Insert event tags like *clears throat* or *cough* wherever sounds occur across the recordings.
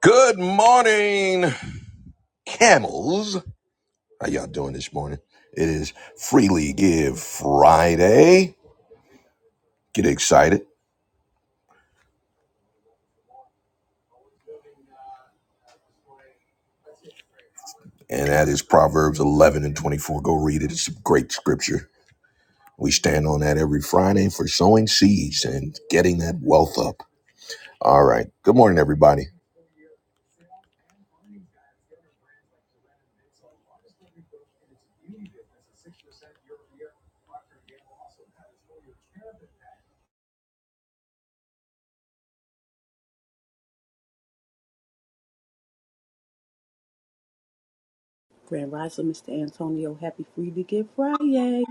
Good morning, camels. How y'all doing this morning? It is Freely Give Friday. Get excited. And that is Proverbs 11 and 24. Go read it. It's a great scripture. We stand on that every Friday for sowing seeds and getting that wealth up. All right. Good morning, everybody. Grand Rising, Mr. Antonio. Happy Free to Give Friday.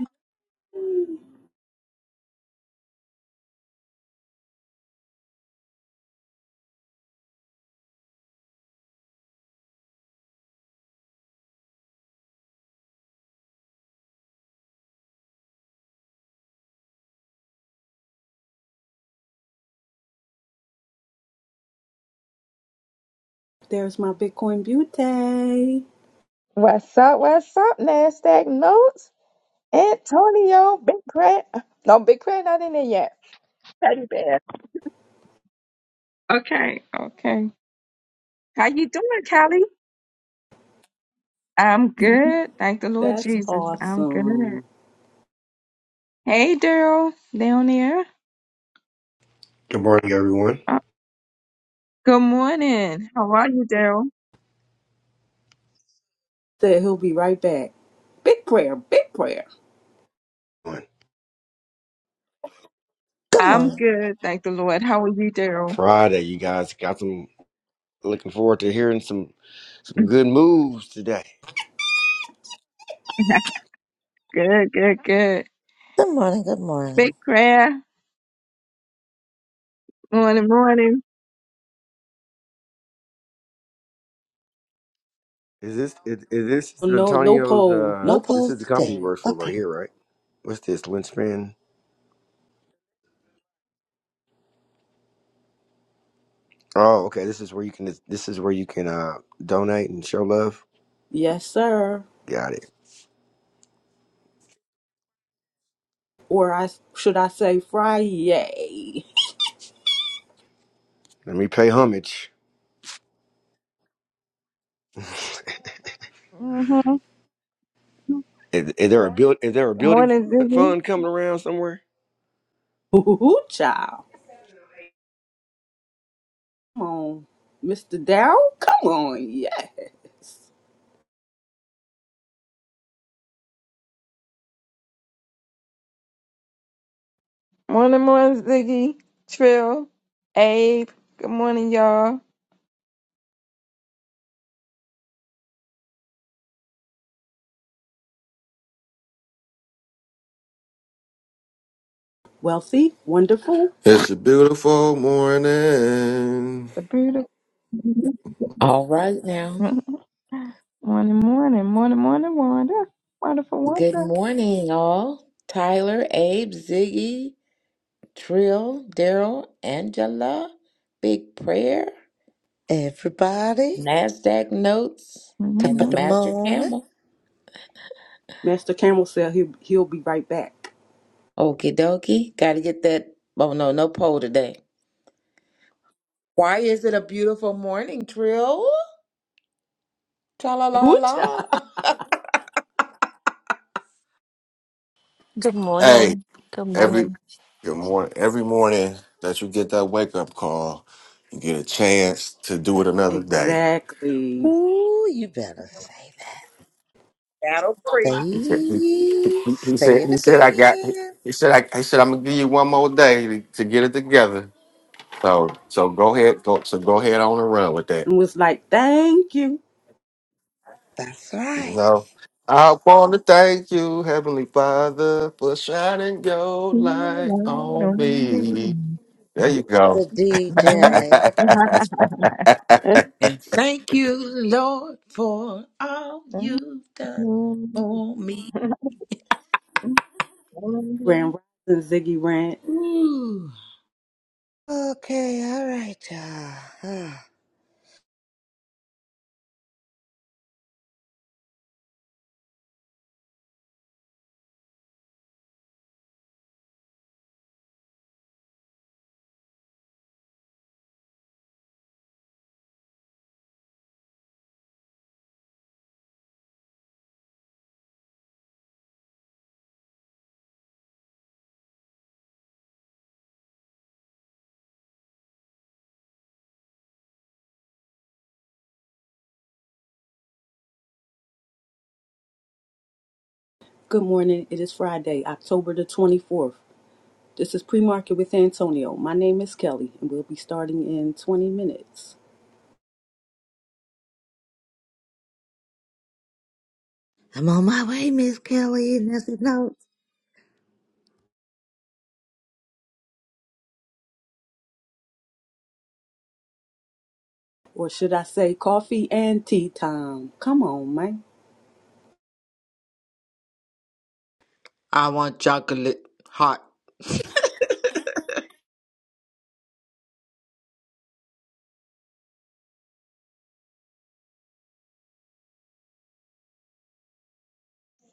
There's my Bitcoin Beauty. What's up? What's up, NASDAQ notes? Antonio, Big Craig. No, Big Craig not in there yet. Teddy Bear. Okay, okay. How you doing, Callie? I'm good. Thank the Lord That's Jesus. I'm good. awesome. Hey, Daryl, down there. Good morning, everyone. Uh, good morning. How are you, Daryl? Said he'll be right back. Big prayer, big prayer. Good I'm morning. good. Thank the Lord. How are you, Daryl? Friday, you guys got some looking forward to hearing some some Mm, good moves today. Good, good, good. Good morning. Good morning. Big prayer. Morning, morning. Is this is, is this No, no Antonio's poll, uh No no poll this polls is the company today. he today. works for right Okay. here, right? What's this, Lynchpin? Oh, okay. This is where you can this is where you can uh donate and show love. Yes, sir. Got it. Or I should I say Friday? Let me pay homage. Mm-hmm. Good Is, is there a build is there a building morning, Ziggy. fund coming around somewhere? *laughs* Ooh, child. Come on, Mr. Darrell. Come on, yeah. Morning, morning, Ziggy, Trill, Abe. Good morning, y'all. Wealthy, wonderful. It's a beautiful morning. It's a beautiful *laughs* All right now. morning, morning, morning, morning, Wanda. Wonderful Good Wanda. morning, all. Tyler, Abe, Ziggy, Trill, Daryl, Angela, Big Prayer, Everybody, NASDAQ Notes, and top the of the Master morning. Camel. Master Camel said he'll he'll be right back. Okie dokie. Gotta get that. Oh, no, no poll today. Why is it a beautiful morning, Trill? Tra la *laughs* la Ooh, child. la. *laughs* Good Hey, morning. Good morning. every good morning, every morning that you get that wake up call, you get a chance to do it another day. Exactly. Ooh, you better say that. That'll preach. He said, he, Say, he- he say said, it he said, I got. again. He said, I, he said, I'm gonna give you one more day to, to get it together. So, so go ahead, go, so go ahead on and run with that. and was like, thank you. That's You right. know, I want to thank you, Heavenly Father, for shining your light on me. There you go. The DJ. *laughs* Mm-hmm. Amen. And thank you, Lord, for all you've done for me. Grand Rising Ziggy Rant. Ooh. Okay, all right, y'all. Ah, Good morning. It is Friday, October the 24th. This is Pre-Market with Antonio. My name is Kelly, and we'll be starting in 20 minutes. I'm on my way, Miss Kelly, and that's the note. Or should I say coffee and tea time? Come on, man. I want chocolate hot.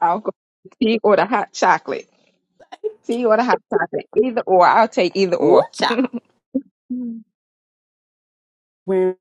I'll go with tea or the hot chocolate. Tea or the hot chocolate. Either or. I'll take either Ooh, or. child. Grand-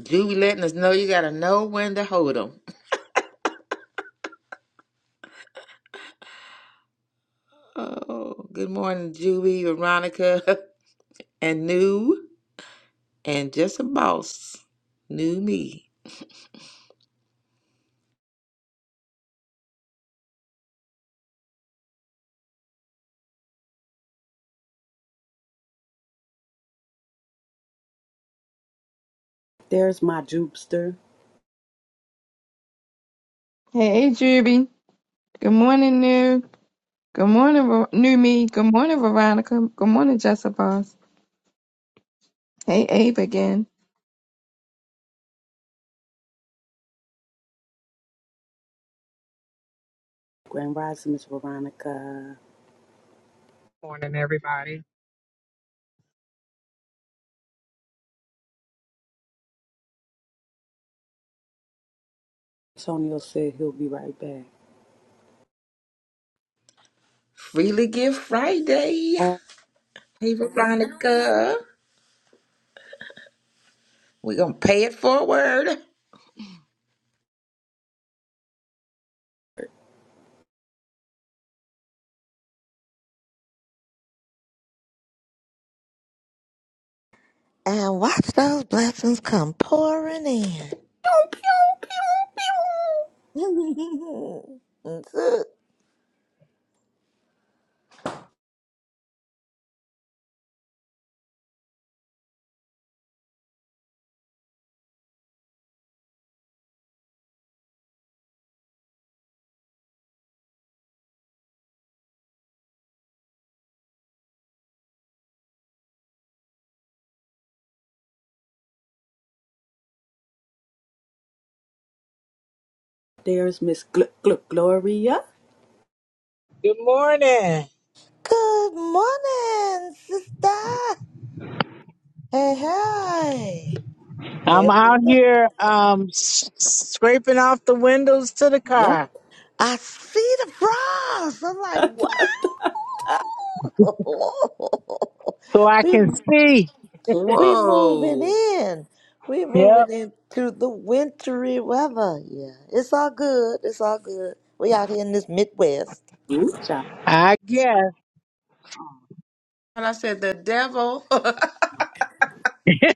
Juby letting us know you gotta know when to hold 'em. Oh, *laughs* good morning, Juby, Veronica, *laughs* and new, and just a boss. New me. There's my jupster. Hey, Juby. Good morning, New. Good morning, Ver- new me. Good morning, Veronica. Good morning, Jessica. Hey, Abe again. Grand Rising Miss Veronica. Morning, everybody. Antonio said he'll be right back. Freely Give Friday. Oh, Hey, Veronica. we gonna pay it forward. And watch those blessings come pouring in. pew, pew, pew, pew. *laughs* There's Miss Gl- Gl- Gloria. Good morning. Good morning, sister. Hey, hey. I'm And out look, here um s- scraping off the windows to the What? car I see the frogs. I'm like, wow. so I *laughs* we can see. we moving Whoa. in. We Yep. moving into the wintry weather. Yeah. It's all good. It's all good. We out here in this Midwest. *laughs* Ooh, child. I guess And I said, the devil. *laughs*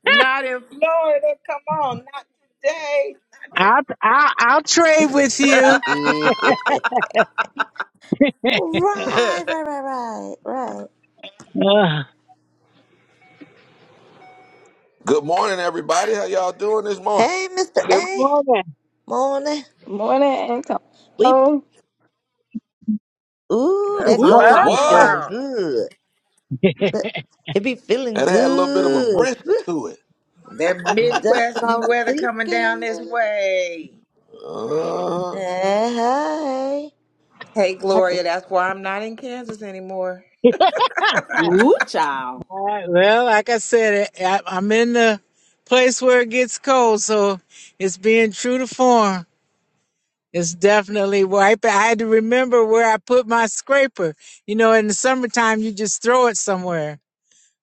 not in Florida. Come on, not today. I'll I'll, I'll trade with *laughs* you. Yeah. Right, right, right, right, right. Ugh. Good morning, everybody. How y'all doing this morning? Hey, Mr. Good A. morning. Morning. Good Morning and come We home. ooh, That's that what I'm *laughs* What? cold be talking What? feeling about. good. *laughs* That- It be feeling That had a little bit of a good. brisk Woo! to That That's Midwest what I was weather coming down thinking. this way. it. Hey, hey. Hey, Had to- Gloria, that's why I'm not in Kansas anymore. Ooh, child. All right, well, like I said, I, I'm in the place where it gets cold, so it's being true to form. It's definitely wiping. I had to remember where I put my scraper. You know, in the summertime, you just throw it somewhere.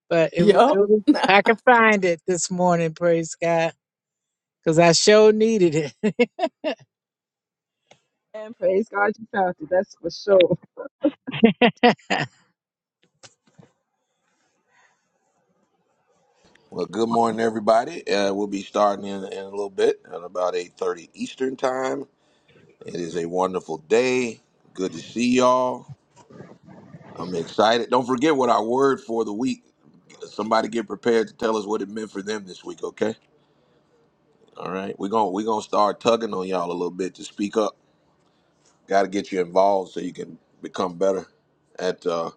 But it, wa- it Yup. was, I could find it this morning, praise God, because I sure needed it. and praise God you found it. That's for sure. Well, good morning, everybody. Uh, we'll be starting in, in a little bit, at about eight thirty Eastern time. It is a wonderful day. Good to see y'all. I'm excited. Don't forget what our word for the week. Somebody get prepared to tell us what it meant for them this week, okay? All right, we're gonna we're gonna start tugging on y'all a little bit to speak up. Got to get you involved so you can become better at uh,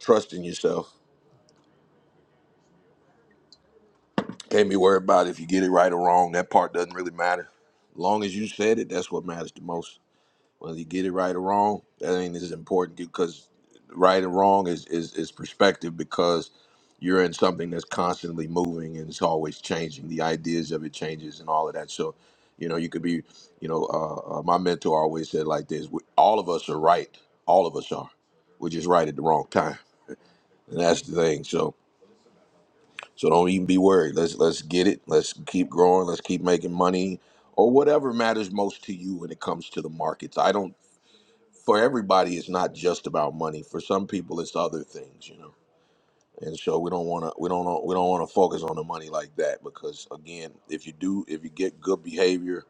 trusting yourself. Can't be worried about if you get it right or wrong. That part doesn't really matter. Long as you said it, that's what matters the most. whether you get it right or wrong, that ain't as important because right and wrong is, is, is perspective because you're in something that's constantly moving and it's always changing. The ideas of it changes and all of that. So, you know, you could be, you know, uh, uh, my mentor always said like this: we, all of us are right. All of us are. We're just right at the wrong time, and that's the thing. So, so don't even be worried. Let's let's get it. Let's keep growing. Let's keep making money or whatever matters most to you when it comes to the markets. I don't for everybody it's not just about money for some people it's other things you know and so we don't want to we don't wanna- we don't want to focus on the money like that because again if you do if you get good behavior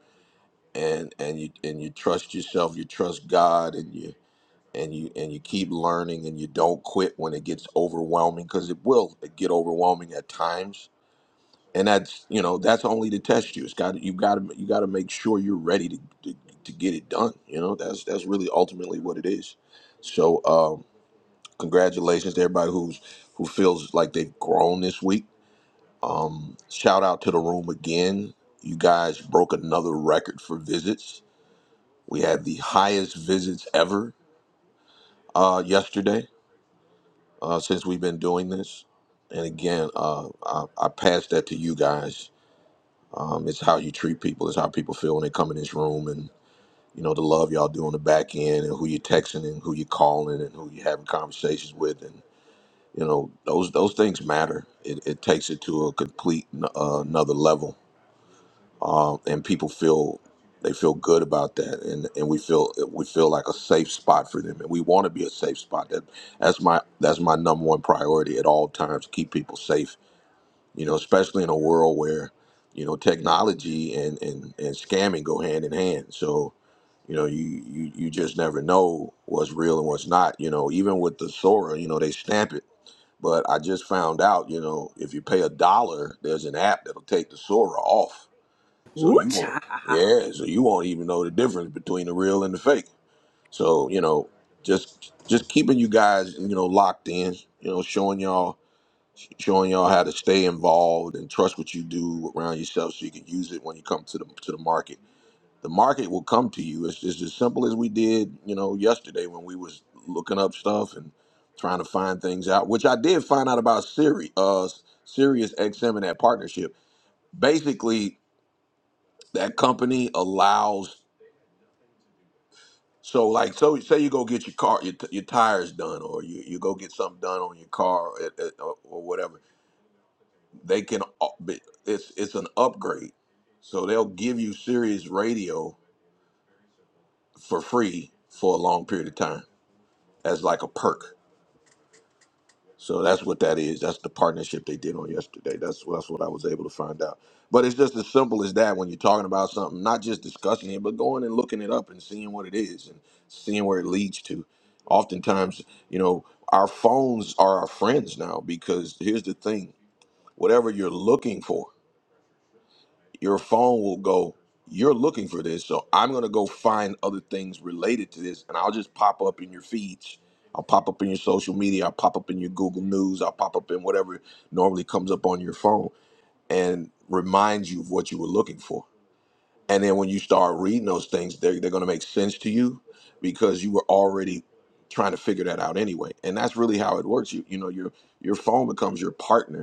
and and you and you trust yourself you trust god and you and you and you keep learning and you don't quit when it gets overwhelming because it will get overwhelming at times and that's you know that's only to test you. It's got you got to you got to make sure you're ready to, to to get it done. You know that's that's really ultimately what it is. So um, congratulations to everybody who's who feels like they've grown this week. Um, shout out to the room again. You guys broke another record for visits. We had the highest visits ever uh, yesterday uh, since we've been doing this. And again, uh, I, I pass that to you guys Um, it's how you treat people. It's how people feel when they come in this room, and you know the love y'all do on the back end, and who you're texting, and who you're calling, and who you're having conversations with, and you know those those things matter. It, it takes it to a complete n- uh, another level, um, and people feel they feel good about that, and and we feel we feel like a safe spot for them, and we want to be a safe spot. That that's my that's my number one priority at all times: keep people safe you know, especially in a world where, you know, technology and, and, and scamming go hand in hand. So, you know, you, you, you just never know what's real and what's not. You know, even with the Sora, you know, they stamp it. But I just found out, you know, if you pay a dollar, there's an app that'll take the Sora off. So Ooh, you won't, child. yeah, so you won't even know the difference between the real and the fake. So, you know, just just keeping you guys, you know, locked in, you know, showing y'all showing y'all how to stay involved and trust what you do around yourself so you can use it when you come to the to the market. The market will come to you. It's just as simple as we did, you know, yesterday when we was looking up stuff and trying to find things out, which I did find out about Siri, uh, Sirius XM and that partnership. Basically, that company allows so like so say you go get your car your, t- your tires done or you, you go get something done on your car at, at, or or whatever they can up- be- it's it's an upgrade so they'll give you Sirius radio for free for a long period of time as like a perk so that's what that is that's the partnership they did on yesterday that's that's what I was able to find out but it's just as simple as that when you're talking about something not just discussing it but going and looking it up and seeing what it is and seeing where it leads to oftentimes you know our phones are our friends now because here's the thing whatever you're looking for your phone will go, You're looking for this, so I'm going to go find other things related to this, and I'll just pop up in your feeds. I'll pop up in your social media. I'll pop up in your Google News. I'll pop up in whatever normally comes up on your phone and remind you of what you were looking for. And then when you start reading those things, they're, they're going to make sense to you because you were already trying to figure that out anyway. And that's really how it works. You, you know, your, your phone becomes your partner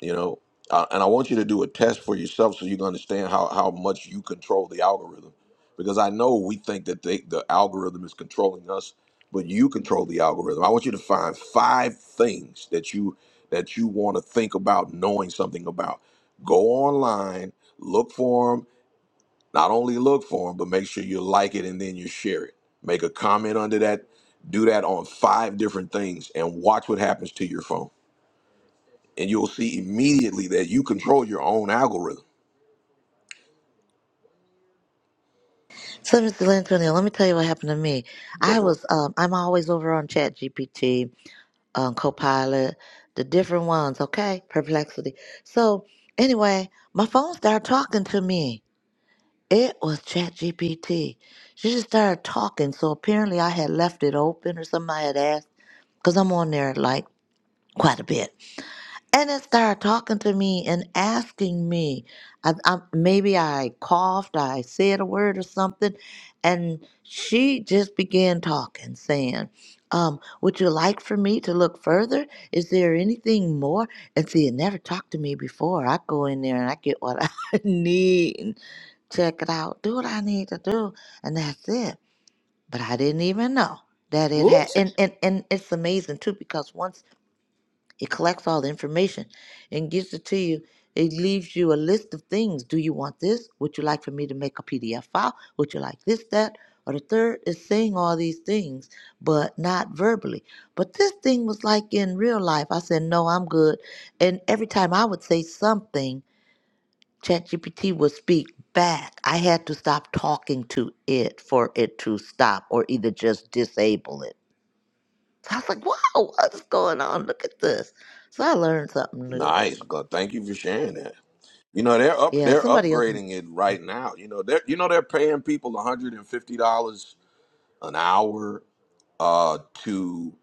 you know uh, and i want you to do a test for yourself so you can understand how, how much you control the algorithm because i know we think that they, the algorithm is controlling us but you control the algorithm i want you to find five things that you that you want to think about knowing something about go online look for them not only look for them but make sure you like it and then you share it make a comment under that do that on five different things and watch what happens to your phone and you'll see immediately that you control your own algorithm. So, Mr. Lantonio, let me tell you what happened to me. Go I for it. was, um, I'm always over on Chat GPT, um, Copilot, the different ones, okay? Perplexity. So, anyway, my phone started talking to me. It was Chat GPT. She just started talking. So, apparently, I had left it open or something I had asked because I'm on there like quite a bit. and it started talking to me and asking me I, I, maybe i coughed i said a word or something and she just began talking saying um, would you like for me to look further is there anything more and see it never talked to me before i go in there and i get what *laughs* i need and check it out do what i need to do and that's it but i didn't even know that it Ooh, had child. and, and and it's amazing too because once it collects all the information and gives it to you. It leaves you a list of things. Do you want this? Would you like for me to make a PDF file? Would you like this, that? Or the third is saying all these things, but not verbally. But this thing was like in real life. I said, no, I'm good. And every time I would say something, ChatGPT would speak back. I had to stop talking to it for it to stop or either just disable it so I was like, wow, what's going on? Look at this. So I learned something new. Nice. God, thank you for sharing that. You know they're up Yeah, they're somebody else. upgrading it right now. You know they're you know they're paying people one hundred and fifty dollars an hour uh to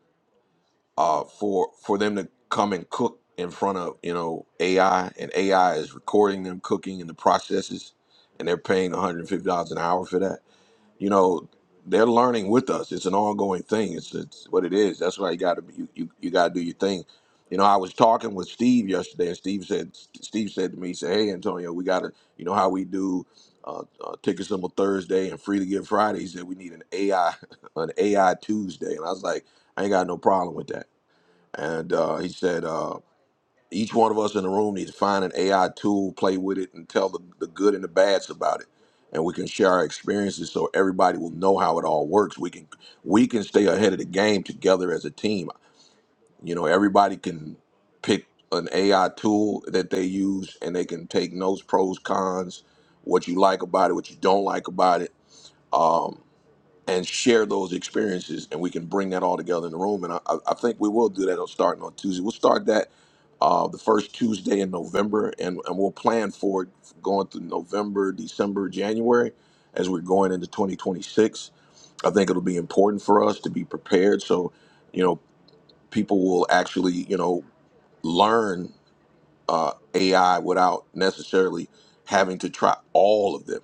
uh for for them to come and cook in front of you know AI and AI is recording them cooking and the processes and they're paying one hundred and fifty dollars an hour for that. you know they're learning with us it's an ongoing thing it's, it's what it is that's why you got to be. you, you, you got to do your thing you know i was talking with steve yesterday and steve said steve said to me he said hey antonio we got to you know how we do uh, uh, ticket symbol thursday and free to give friday he said we need an ai *laughs* an ai tuesday and i was like i ain't got no problem with that and uh, he said uh, each one of us in the room needs to find an AI tool, play with it, and tell the, the good and the bads about it. And we can share our experiences so everybody will know how it all works. We can we can stay ahead of the game together as a team. You know, everybody can pick an AI tool that they use and they can take notes, pros, cons, what you like about it, what you don't like about it. Um, and share those experiences and we can bring that all together in the room and i, I I think we will do that on starting on tuesday we'll start that uh, the first tuesday in november and, and we'll plan for it going through november december january as we're going into 2026 i think it'll be important for us to be prepared so you know people will actually you know learn uh, ai without necessarily having to try all of them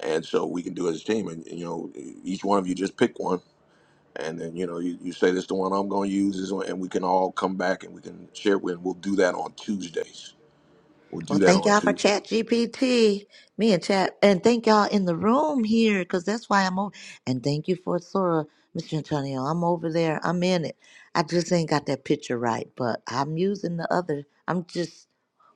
and so we can do it as a team and you know each one of you just pick one and then you know you, you say this the one i'm going to use is one, and we can all come back and we can share with we'll do that on tuesdays we'll do Well, that thank on y'all for tuesday Chat GPT. Me and Chat, and thank y'all in the room here, because that's why I'm over. And thank you for Sora, Mr. Antonio. I'm over there. I'm in it. I just ain't got that picture right, but I'm using the other. I'm just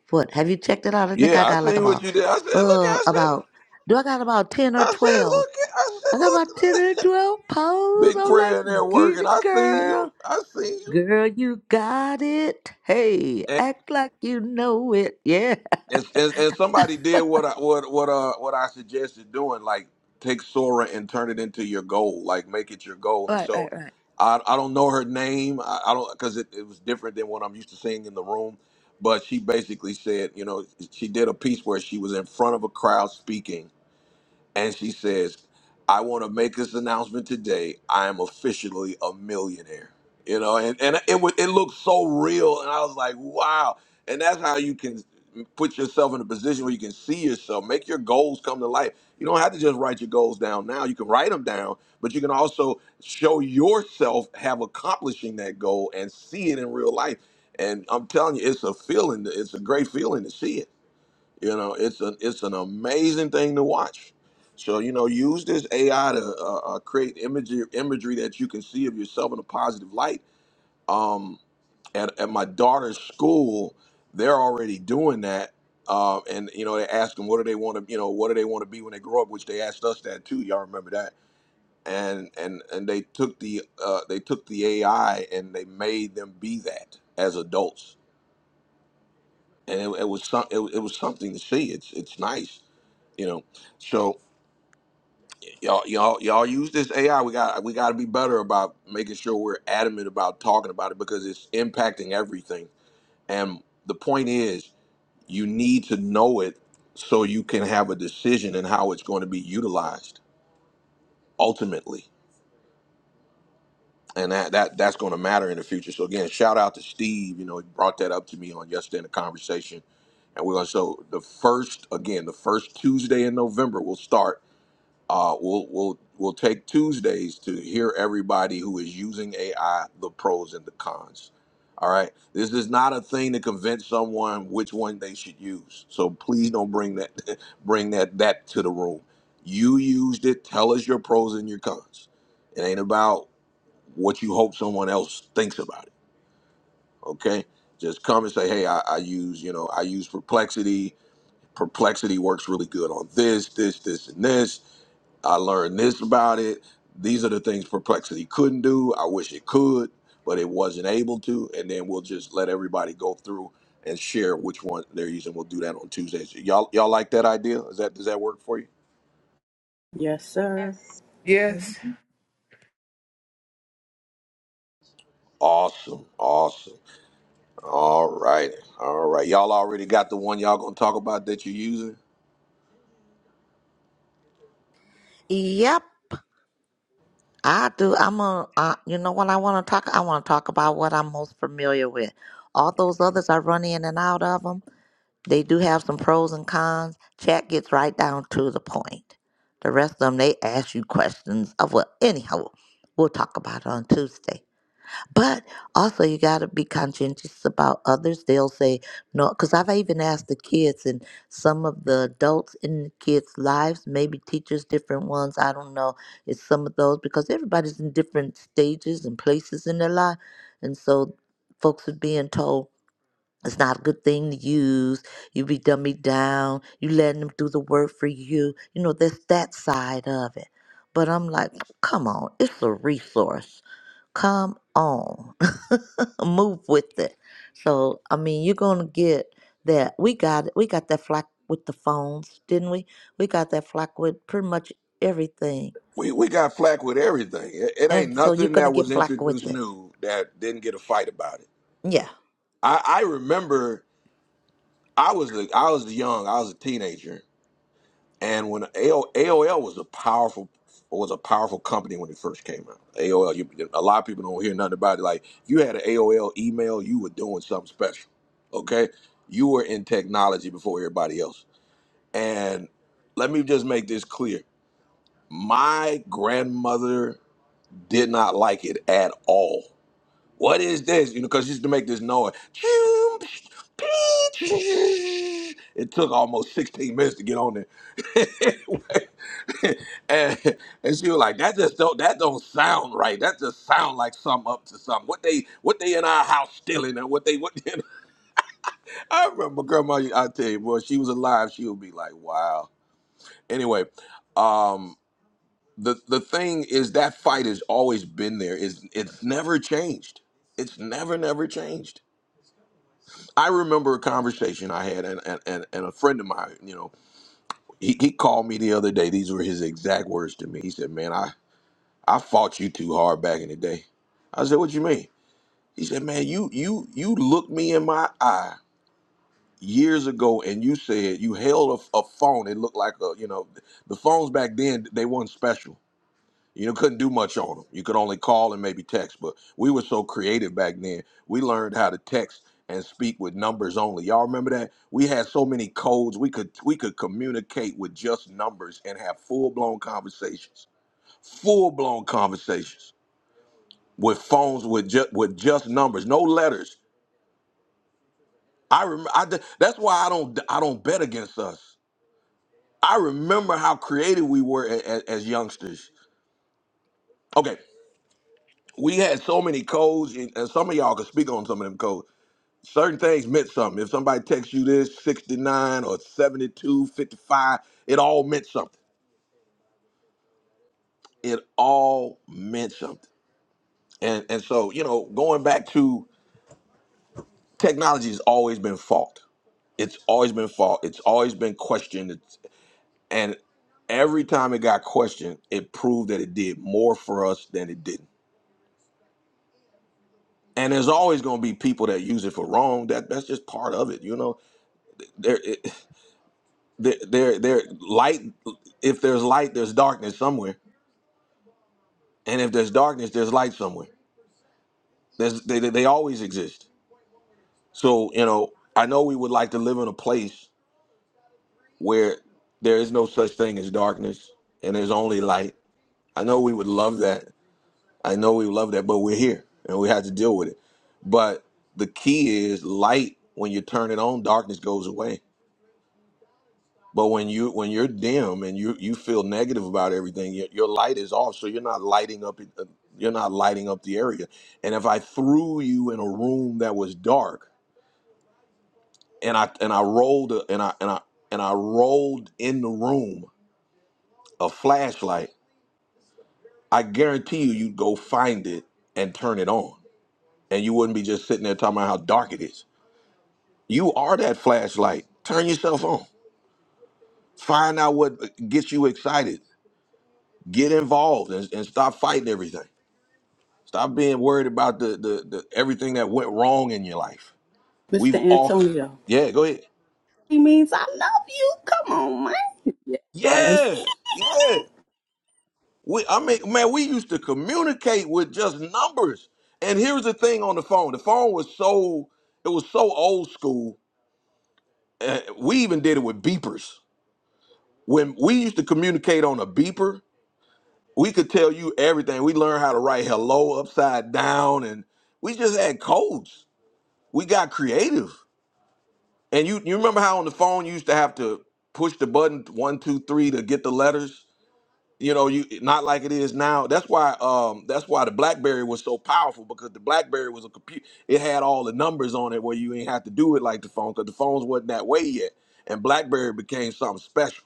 what? Have you checked it out? I think yeah I i got like seen what about you did i said look uh i said about. Do I got about ten or i said twelve? look i I got about ten or said look *laughs* twelve posts. big I'm like, prayer in there get working it, i seen girl. you i seen you Girl, you got it. Hey, act like you know it. Yeah. *laughs* and, and, and somebody did what I what what uh what I suggested doing, like take Sora and turn it into your goal, like make it your goal. And Right, so, right, right. I I don't know her name, I, I don't because it, it was different than what I'm used to seeing in the room. But she basically said, you know, she did a piece where she was in front of a crowd speaking, and she says, I want to make this announcement today. I am officially a millionaire. You know, and, and it would it looked so real, and I was like, wow. And that's how you can put yourself in a position where you can see yourself, make your goals come to life. You don't have to just write your goals down now. You can write them down, but you can also show yourself have accomplishing that goal and see it in real life. And I'm telling you, it's a feeling. It's a great feeling to see it. You know, it's an it's an amazing thing to watch. So you know, use this AI to uh, uh, create imagery imagery that you can see of yourself in a positive light. Um, at at my daughter's school, they're already doing that. Uh, and you know, they ask them what do they want to you know what do they want to be when they grow up, which they asked us that too. Y'all remember that? And and and they took the uh, they took the AI and they made them be that as adults and it, it was some, it, it was something to see. It's it's nice, you know. So y'all y'all y'all use this AI. We got we got to be better about making sure we're adamant about talking about it because it's impacting everything. And the point is, you need to know it so you can have a decision in how it's going to be utilized ultimately. and that, that that's going to matter in the future. So again, shout out to Steve. You know, he brought that up to me on yesterday in the conversation, and we're going to so the first again the first Tuesday in November we'll start. Uh, we'll we'll we'll take Tuesdays to hear everybody who is using AI, the pros and the cons. All right, this is not a thing to convince someone which one they should use. So please don't bring that *laughs* bring that that to the room. You used it. Tell us your pros and your cons. It ain't about what you hope someone else thinks about it. Okay, just come and say, hey, I, I use you know I use perplexity. Perplexity works really good on this, this, this, and this. I learned this about it. These are the things perplexity couldn't do. I wish it could, but it wasn't able to. And then we'll just let everybody go through and share which one they're using. We'll do that on Tuesdays. Y'all, y'all like that idea? Is that does that work for you? Yes, sir. Yes. Yes. Mhm. Awesome, awesome. All right, all right. Y'all already got the one y'all gonna talk about that you're using. Yep, I do. I'm a, uh, you know what I want to talk? I want to talk about what I'm most familiar with. All those others I run in and out of them. They do have some pros and cons. Chat gets right down to the point. The rest of them, they ask you questions of, well, anyhow, we'll talk about it on Tuesday. But also, you got to be conscientious about others. They'll say no, because I've even asked the kids and some of the adults in the kids' lives, maybe teachers, different ones. I don't know. It's some of those because everybody's in different stages and places in their life, and so folks are being told it's not a good thing to use. You be dummy down. You letting them do the work for you. You know, there's that side of it. But I'm like, come on, it's a resource Come on. *laughs* Move with it. So I mean you're gonna get that. We got it. We got that flack with the phones, didn't we? We got that flack with pretty much everything. We we got flack with everything. It, it ain't And so you're nothing gonna that was get flack introduced with it. new that didn't get a fight about it. Yeah. I, I remember I was a, I was young, I was a teenager, and when AOL, AOL was a powerful was a powerful company when it first came out. AOL, you, a lot of people don't hear nothing about it. Like you had an AOL email, you were doing something special. Okay, you were in technology before everybody else. And let me just make this clear: my grandmother did not like it at all. What is this? You know, because she used to make this noise. It took almost 16 minutes to get on there. *laughs* Anyway, and, and she was like, that just don't that don't sound right. That just sound like something up to something. What they what they in our house stealing and what they what They, *laughs* I remember grandma I tell you, boy, she was alive, she would be like, wow. Anyway, um. the the thing is that fight has always been there. is It's it's never changed. It's never never changed. I remember a conversation I had, and and, and, and a friend of mine, you know, he, he called me the other day. These were his exact words to me. He said, "Man, I I fought you too hard back in the day." I said, "What you mean?" He said, "Man, you you you looked me in my eye." Years ago, and you said you held a, a phone. It looked like a, you know, the phones back then they weren't special You couldn't do much on them. You could only call and maybe text. But we were so creative back then. We learned how to text and speak with numbers only. Y'all remember that? We had so many codes. We could we could communicate with just numbers and have full blown conversations. Full blown conversations with phones with just with just numbers, no letters. I remember. I, d- that's why I don't I don't bet against us. I remember how creative we were as, as youngsters. Okay, we had so many codes, and and some of y'all could speak on some of them codes. Certain things meant something. If somebody texts you this 69 or 72 55, it all meant something. It all meant something. And and so, you know, going back to technology has always been fought. It's always been fought. It's always been questioned. It's, and every time it got questioned, it proved that it did more for us than it didn't. And there's always going to be people that use it for wrong. That that's just part of it, you know there There, there, there. Light. If there's light, there's darkness somewhere, and if there's darkness, there's light somewhere. There's, they, they they always exist. So you know, I know we would like to live in a place where there is no such thing as darkness and there's only light. I know we would love that. I know we would love that, but we're here and we had to deal with it. But the key is light. When you turn it on, darkness goes away. But when you when you're dim and you you feel negative about everything, your, your light is off, so you're not lighting up it- uh, you're not lighting up the area. And if I threw you in a room that was dark and I and I rolled a, and I and I and I rolled in the room a flashlight, I guarantee you you'd go find it and turn it on. And you wouldn't be just sitting there talking about how dark it is. You are that flashlight. Turn yourself on. Find out what uh, gets you excited. Get involved and, and stop fighting everything Stop being worried about the, the the everything that went wrong in your life. Mr. We've all Antonio. *laughs* Yeah, go ahead. He means I love you. Come on, man. Yes. Yeah. Yeah. We I mean, man, we used to communicate with just numbers. And here's the thing on the phone. The phone was so it was so old school. Uh, we even did it with beepers. When we used to communicate on a beeper, we could tell you everything. We learned how to write hello upside down and we just had codes. We got creative. And you you remember how on the phone you used to have to push the button one two three to get the letters. You know, you not like it is now. That's why um that's why the BlackBerry was so powerful because the BlackBerry was a computer. It had all the numbers on it where you ain't have to do it like the phone because the phones wasn't that way yet. And BlackBerry became something special.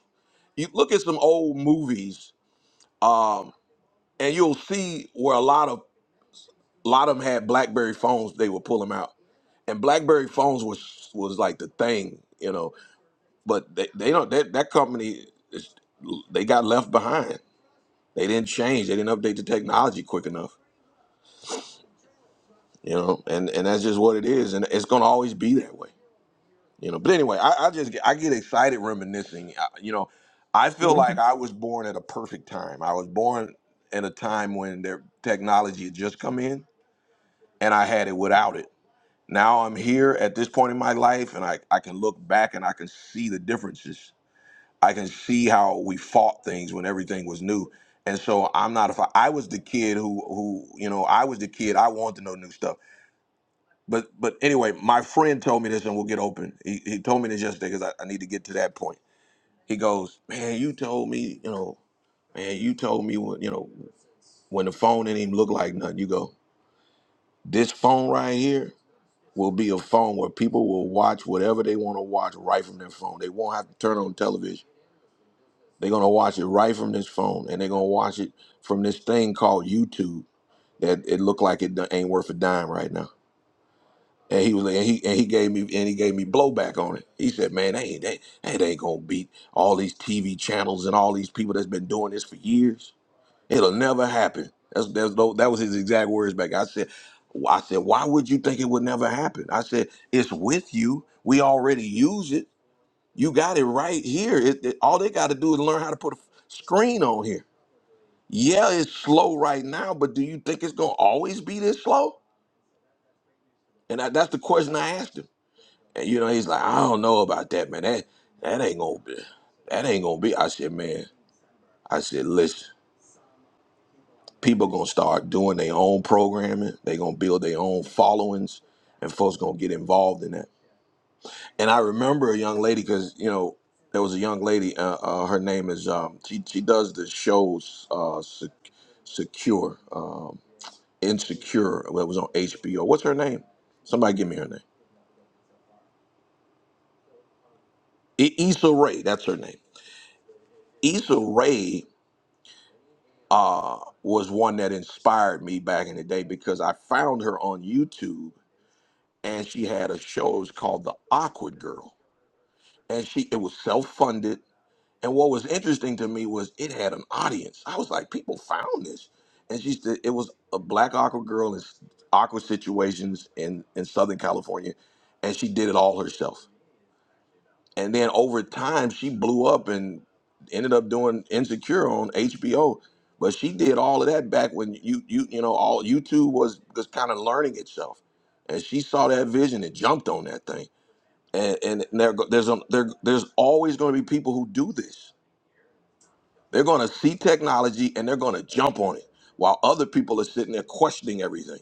You look at some old movies, um, and you'll see where a lot of a lot of them had BlackBerry phones. They would pull them out, and BlackBerry phones was was like the thing, you know but they, they don't that, that company is, they got left behind they didn't change they didn't update the technology quick enough you know and and that's just what it is and it's going to always be that way you know but anyway i, I just get, i get excited reminiscing I, you know i feel like i was born at a perfect time i was born at a time when their technology had just come in and i had it without it now i'm here at this point in my life and i, I can look back and i can see the differences I can see how we fought things when everything was new. And so I'm not a fi- I was the kid who who you know I was the kid I wanted to know new stuff. But but anyway, my friend told me this, and we'll get open. He, he told me this yesterday because I, I need to get to that point. He goes, man, you told me you know, man, you told me when you know when the phone didn't even look like nothing. You go, this phone right here will be a phone where people will watch whatever they want to watch right from their phone. They won't have to turn on television They're gonna watch it right from this phone, and they're gonna watch it from this thing called YouTube that it looked like it do- ain't worth a dime right now. And he was like, and he and he gave me and he gave me blowback on it. He said, "Man, they ain't they, hey, they ain't gonna beat all these TV channels and all these people that's been doing this for years. It'll never happen." That's, that's tho- that was his exact words back. I said, "I said, why would you think it would never happen?" I said, "It's with you. We already use it. You got it right here. It, it- all they got to do is learn how to put a f- screen on here." Yeah, it's slow right now, but do you think it's gonna always be this slow? And I, that's the question I asked him. And you know, he's like, I don't know about that, man. That that ain't gonna be. That ain't gonna be. I said, man. I said, listen. People gonna start doing their own programming. They gonna build their own followings, and folks gonna get involved in that. And I remember a young lady because you know there was a young lady. Uh, uh, her name is um, she she does the shows uh, Sec- secure. um, Insecure that was on HBO. What's her name? Somebody give me her name. I- Issa Rae. That's her name. Issa Rae uh, was one that inspired me back in the day because I found her on YouTube and she had a show it was called The Awkward Girl, and she it was self funded. And what was interesting to me was it had an audience. I was like, people found this, and she said it was a black awkward girl in s- awkward situations in in Southern California, and she did it all herself and then over time she blew up and ended up doing insecure on hbo but she did all of that back when you you you know all youtube was was kind of learning itself and she saw that vision and jumped on that thing and and there, go- there's a, there, there's always going to be people who do this they're going to see technology and they're going to jump on it while other people are sitting there questioning everything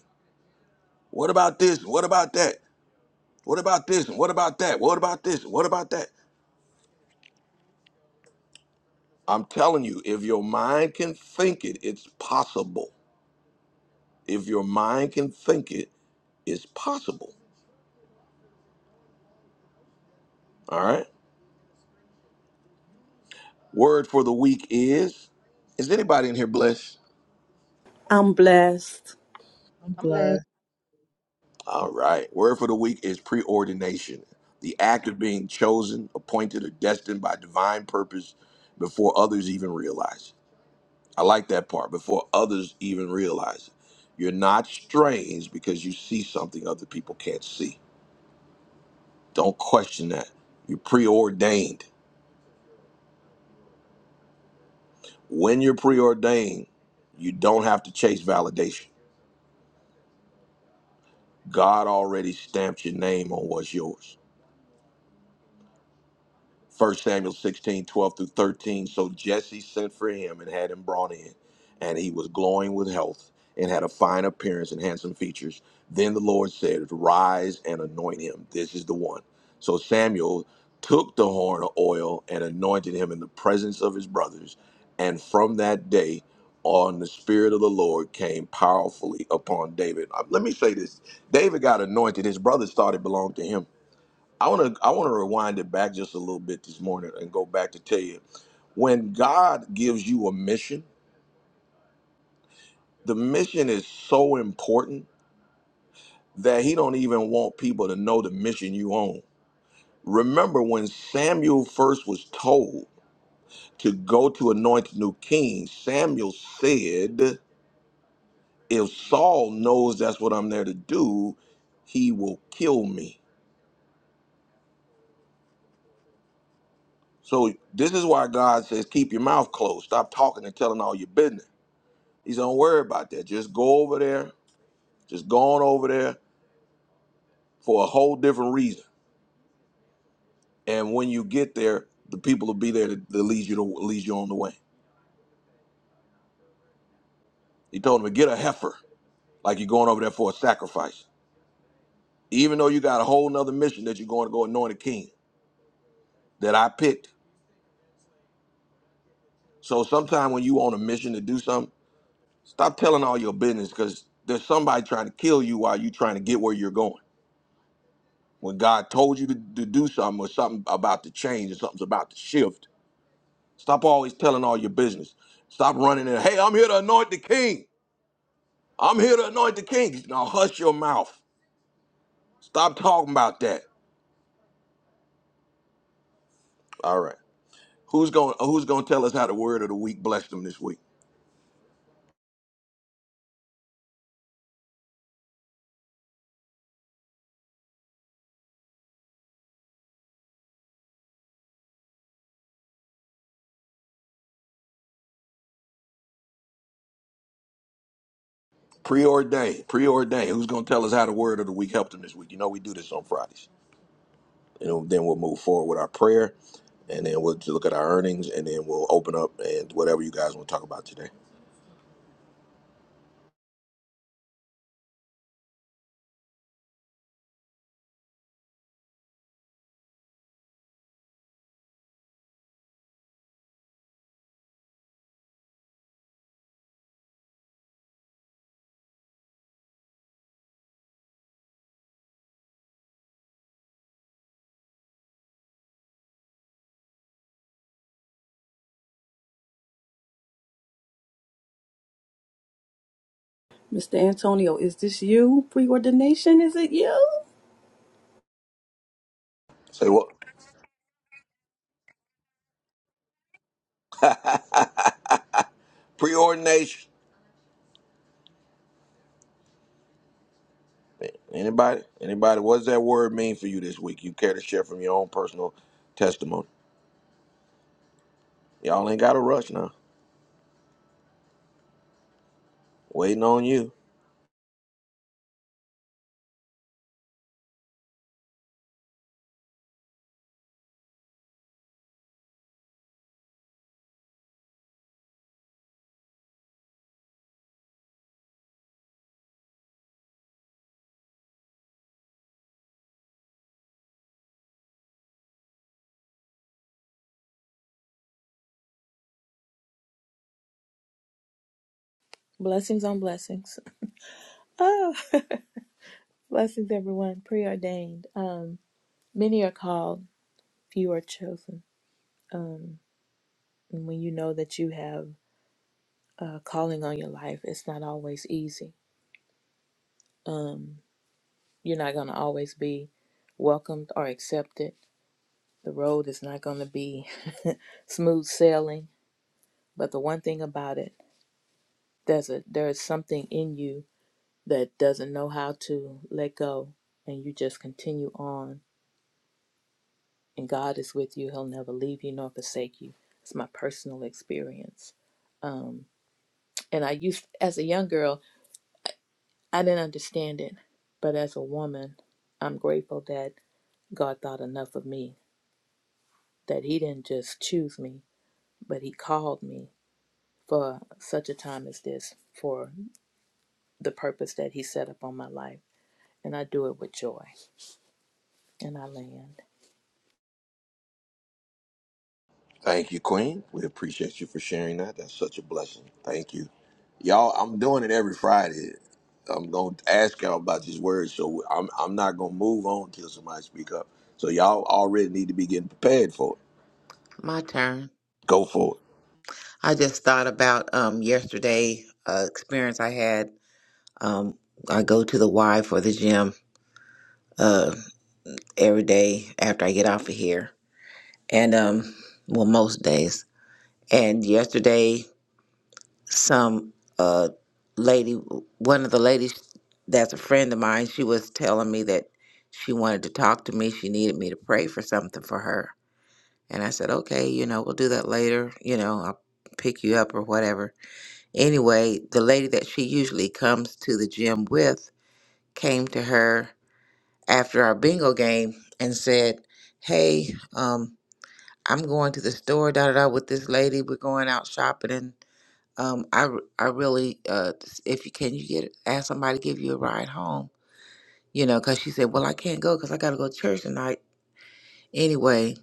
what about this what about that what about this And what about that what about this what about that I'm telling you, if your mind can think it, it's possible. If your mind can think it, it's possible. All right. Word for the week is Is anybody in here blessed? I'm blessed. *laughs* I'm Mhm. blessed. All right. Word for the week is preordination the act of being chosen, appointed, or destined by divine purpose before others even realize it. I like that part before others even realize it. You're not strange because you see something other people can't see. Don't question that. You're preordained. When you're preordained, you don't have to chase validation. God already stamped your name on what's yours. First Samuel 16 12 through 13. So Jesse sent for him and had him brought in, and he was glowing with health and had a fine appearance and handsome features. Then the Lord said, Rise and anoint him. This is the one. So Samuel took the horn of oil and anointed him in the presence of his brothers. And from that day on, the Spirit of the Lord came powerfully upon David. Uh, Let me say this David got anointed, his brothers thought it belonged to him. I want to I want to rewind it back just a little bit this morning and go back to tell you when God gives you a mission, the mission is so important that he don't even want people to know the mission you own. Remember when Samuel first was told to go to anoint the new king, Samuel said, "If Saul knows that's what I'm there to do, he will kill me." So this is why God says, "Keep your mouth closed. Stop talking and telling all your business." He said, don't worry about that. Just go over there. Just go on over there for a whole different reason. And when you get there, the people will be there to, to lead you to lead you on the way. He told him, get a heifer, like you're going over there for a sacrifice. Even though you got a whole nother mission that you're going to go anoint a king that I picked. So sometime when you on a mission to do something, stop telling all your business because there's somebody trying to kill you while you trying to get where you're going. When God told you to, to do something or something about to change or something's about to shift, Stop always telling all your business. Stop running in. Hey, I'm here to anoint the king. I'm here to anoint the king. Now hush your mouth. Stop talking about that. All right. Who's going who's going to tell us how the word of the week blessed them this week? Preordained. Preordained. Who's going to tell us how the word of the week helped them this week? You know we do this on Fridays. And then we'll move forward with our prayer and then we'll look at our earnings and then we'll open up and whatever you guys want to talk about today. Mr. Antonio, is this you? Preordination, is it you? Say what? Preordination. Anybody? Anybody? What does that word mean for you this week? You care to share from your own personal testimony? Y'all ain't got to rush now. Waiting on you. Blessings on blessings. *laughs* Oh, blessings, everyone. Preordained. Um, many are called, few are chosen. Um, and when you know that you have a calling on your life, it's not always easy. Um, you're not going to always be welcomed or accepted. The road is not going to be *laughs* smooth sailing. But the one thing about it, there's a there is something in you that doesn't know how to let go, and you just continue on and God is with you. He'll never leave you nor forsake you. It's my personal experience. Um, and I used, as a young girl, I didn't understand it. But as a woman, I'm grateful that God thought enough of me, that He didn't just choose me, but He called me for such a time as this, for the purpose that He set up on my life. And I do it with joy. And I land. Thank you, Queen. We appreciate you for sharing that. That's such a blessing. Thank you, y'all. I'm doing it every Friday. I'm gonna ask y'all about these words, so I'm I'm not gonna move on till somebody speak up. So y'all already need to be getting prepared for it. My turn. Go for it. I just thought about um yesterday uh, experience I had. Um, I go to the Y for the gym uh every day after I get off of here, and um, well most days. And yesterday some uh lady one of the ladies that's a friend of mine she was telling me that she wanted to talk to me she needed me to pray for something for her and i said okay you know we'll do that later you know i'll pick you up or whatever anyway the lady that she usually comes to the gym with came to her after our bingo game and said hey um i'm going to the store da da da with this lady we're going out shopping and um, I, r- I really, uh, if you can, you get ask somebody to give you a ride home, you know, because she said, well, I can't go because I got to go to church tonight. Anyway,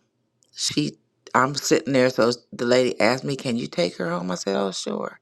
she, I'm sitting there, so the lady asked me, can you take her home? I said, oh, sure.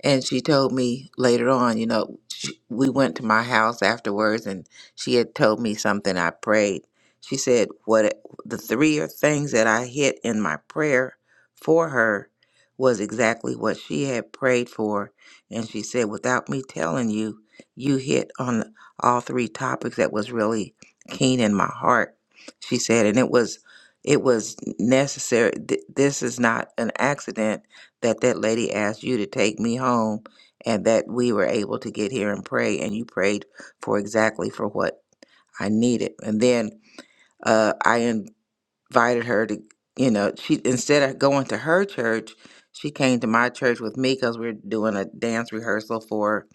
And she told me later on, you know, she, we went to my house afterwards and she had told me something I prayed. She said, What it- the three or things that I hit in my prayer for her was exactly what she had prayed for. And she said, Without me telling you, you hit on all three topics that was really keen in my heart. She said, and it was, it was necessary. Th- This is not an accident that that lady asked you to take me home and that we were able to get here and pray and you prayed for exactly for what I needed and then uh, I invited her to you know she instead of going to her church she came to my church with me because we are doing a dance rehearsal for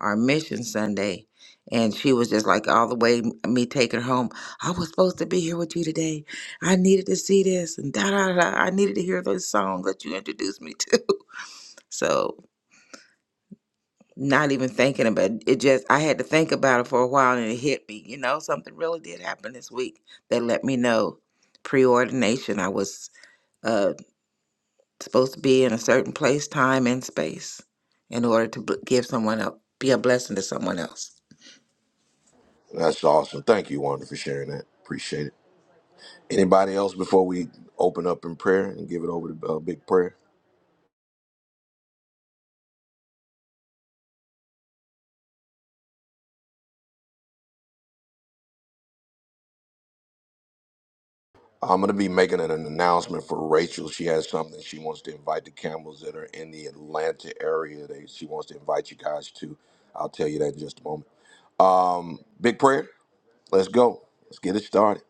our mission Sunday and she was just like all the way m- me taking her home I was supposed to be here with you today I needed to see this and da da da da. I needed to hear those songs that you introduced me to *laughs* so not even thinking about it. It just I had to think about it for a while and it hit me. You know, something really did happen this week that let me know preordination. I was uh, supposed to be in a certain place, time, and space in order to bl- give someone else, be a blessing to someone else. That's awesome. Thank you, Wanda, for sharing that. Appreciate it. Anybody else before we open up in prayer and give it over to uh, Big Prayer? I'm going to be making an announcement for Rachel. She has something she wants to invite the Campbells that are in the Atlanta area. They, she wants to invite you guys to. I'll tell you that in just a moment. Um, big prayer. Let's go. Let's get it started.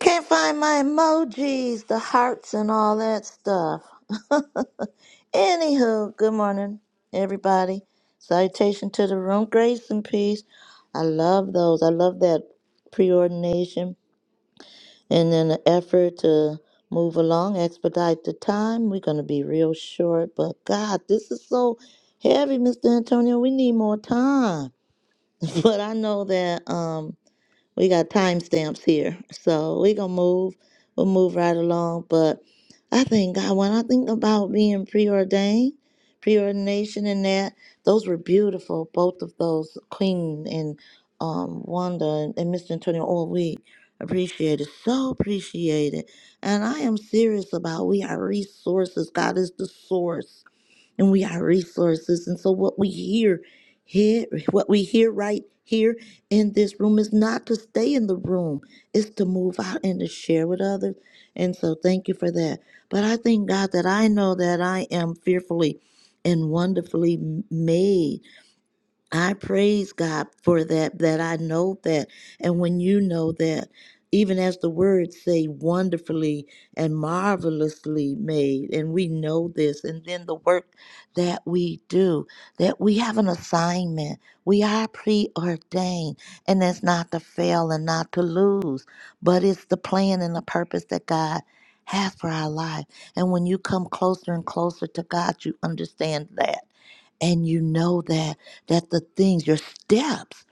Can't find my emojis, the hearts and all that stuff. Anywho, good morning, everybody. Salutation to the room, grace and peace. I love those. I love that preordination. And in an effort to move along, expedite the time, we're going to be real short. But God, this is so heavy, Mr. Antonio. We need more time. *laughs* But I know that. Um, we got timestamps here, so we gonna move. We'll move right along. But I think God, when I think about being preordained, preordination, and that those were beautiful. Both of those, Queen and um, Wanda and, and Mr. Antonio, all we appreciated, so appreciated. And I am serious about we are resources. God is the source and we are resources. And so what we hear here, what we hear right here in this room is not to stay in the room, it's to move out and to share with others. And so thank you for that. But I thank God that I know that I am fearfully and wonderfully made. I praise God for that, that I know that. And when you know that, even as the words say, wonderfully and marvelously made, and we know this, and then the work that we do, that we have an assignment. We are preordained, and that's not to fail and not to lose, but it's the plan and the purpose that God has for our life. And when you come closer and closer to God, you understand that and you know that that the things, your steps,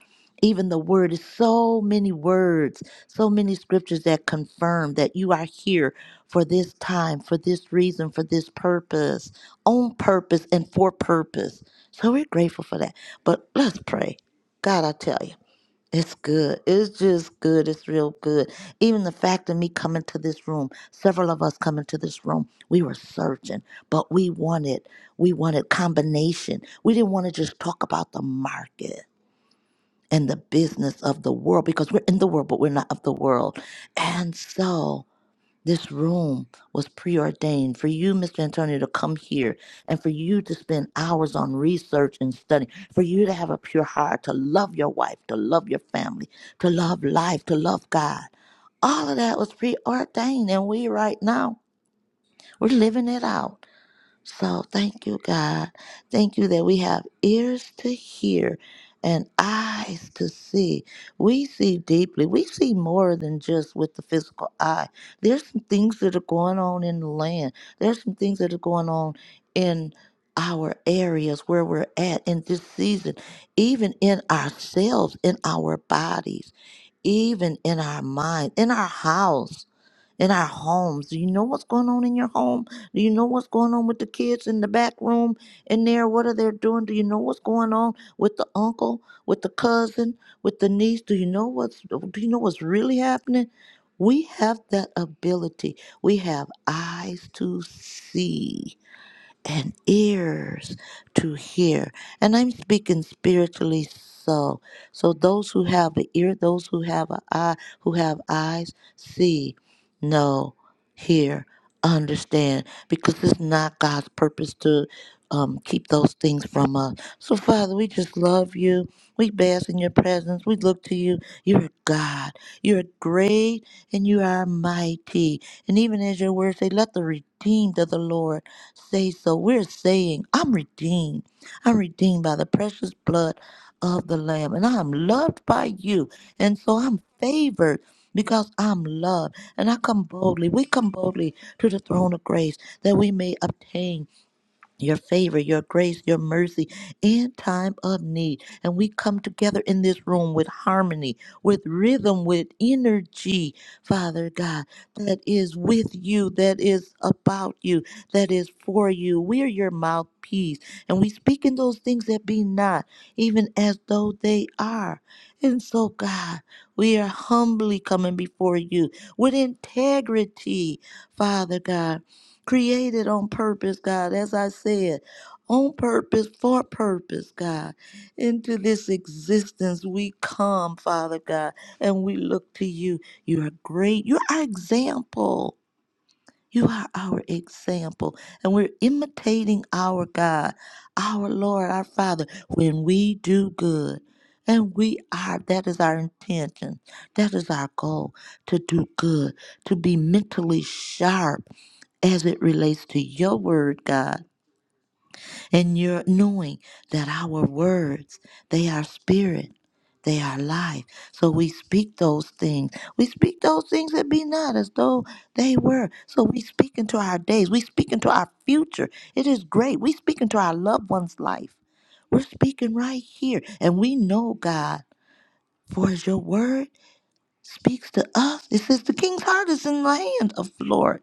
even the word is so many words, so many scriptures that confirm that you are here for this time, for this reason, for this purpose, on purpose and for purpose. So we're grateful for that. But let's pray. God, I tell you. It's good. It's just good. It's real good. Even the fact of me coming to this room, several of us coming to this room, we were searching, but we wanted we wanted combination. We didn't want to just talk about the market and the business of the world because we're in the world, but we're not of the world. And so this room was preordained for you, Mr. Antonio, to come here and for you to spend hours on research and study, for you to have a pure heart, to love your wife, to love your family, to love life, to love God. All of that was preordained, and we right now, we're living it out. So thank you, God. Thank you that we have ears to hear and eyes to see. We see deeply. We see more than just with the physical eye. There's some things that are going on in the land, there's some things that are going on in our areas where we're at in this season, even in ourselves, in our bodies, even in our mind, in our house in our homes. Do you know what's going on in your home? Do you know what's going on with the kids in the back room in there? What are they doing? Do you know what's going on with the uncle, with the cousin, with the niece? Do you know what's do you know what's really happening? We have that ability. We have eyes to see and ears to hear. And I'm speaking spiritually so. So those who have an ear, those who have an eye, who have eyes, see, know, hear, understand. Because it's not God's purpose to um, keep those things from us. So Father, we just love you. We bask in your presence. We look to you. You're God. You're great and you are mighty. And even as your words say, let the redeemed of the Lord say so. We're saying, I'm redeemed. I'm redeemed by the precious blood of the Lamb, and I'm loved by you. And so I'm favored because I'm loved. And I come boldly, we come boldly to the throne of grace that we may obtain your favor, your grace, your mercy in time of need. And we come together in this room with harmony, with rhythm, with energy, Father God, that is with you, that is about you, that is for you. We're your mouthpiece. And we speak in those things that be not, even as though they are. And so, God, we are humbly coming before you with integrity, Father God created on purpose, God, as I said, on purpose, for purpose, God. Into this existence we come, Father God, and we look to you. You are great. You're our example. You are our example. And we're imitating our God, our Lord, our Father, when we do good. And we are, that is our intention. That is our goal to do good, to be mentally sharp as it relates to your word, God, and your knowing that our words, they are spirit, they are life. So we speak those things. We speak those things that be not as though they were. So we speak into our days. We speak into our future. It is great. We speak into our loved one's life. We're speaking right here. And we know, God, for as your word speaks to us, it says the king's heart is in the hand of the Lord.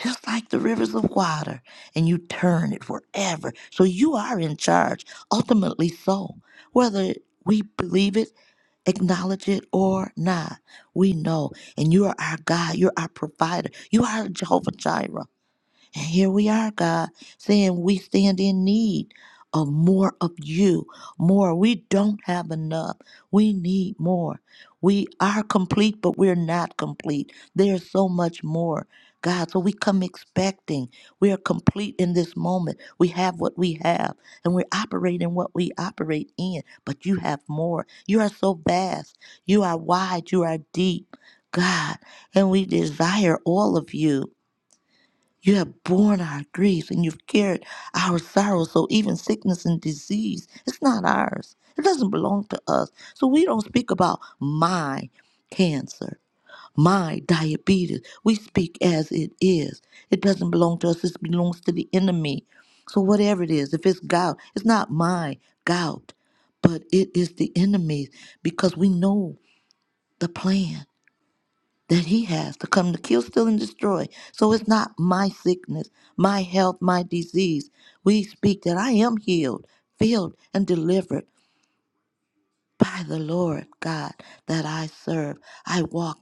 just like the rivers of water, and you turn it forever, So you are in charge, ultimately, so. Whether we believe it, acknowledge it, or not, we know. And you are our God, you're our provider, you are Jehovah Jireh. And here we are, God, saying we stand in need of more of you, more. We don't have enough. We need more. We are complete, but we're not complete. There's so much more, God. So we come expecting. We are complete in this moment. We have what we have, and we operate in what we operate in, but you have more. You are so vast. You are wide. You are deep, God. And we desire all of you. You have borne our griefs and you've carried our sorrows. So even sickness and disease, it's not ours. It doesn't belong to us. So we don't speak about my cancer, my diabetes. We speak as it is. It doesn't belong to us. It belongs to the enemy. So whatever it is, if it's gout, it's not my gout, but it is the enemy's because we know the plan that he has to come to kill, steal, and destroy. So it's not my sickness, my health, my disease. We speak that I am healed, filled, and delivered by the Lord God that I serve. I walk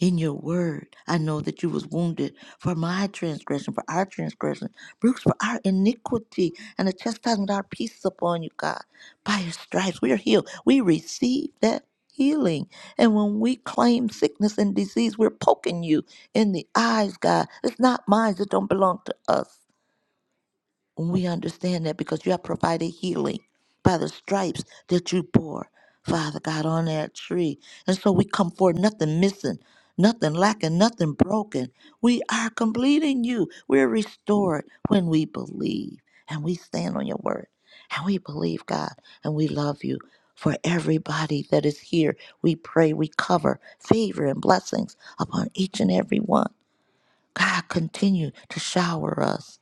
in your word. I know that you was wounded for my transgression, for our transgression, bruised for our iniquity, and the chastisement of our peace is upon you, God. By your stripes we are healed. We receive that healing. And when we claim sickness and disease, we're poking you in the eyes, God. It's not mine. It don't belong to us. And we understand that because you have provided healing by the stripes that you bore, Father God, on that tree. And so we come forward, nothing missing, nothing lacking, nothing broken. We are completing you. We're restored when we believe and we stand on your word and we believe, God, and we love you. For everybody that is here, we pray we cover favor and blessings upon each and every one. God, continue to shower us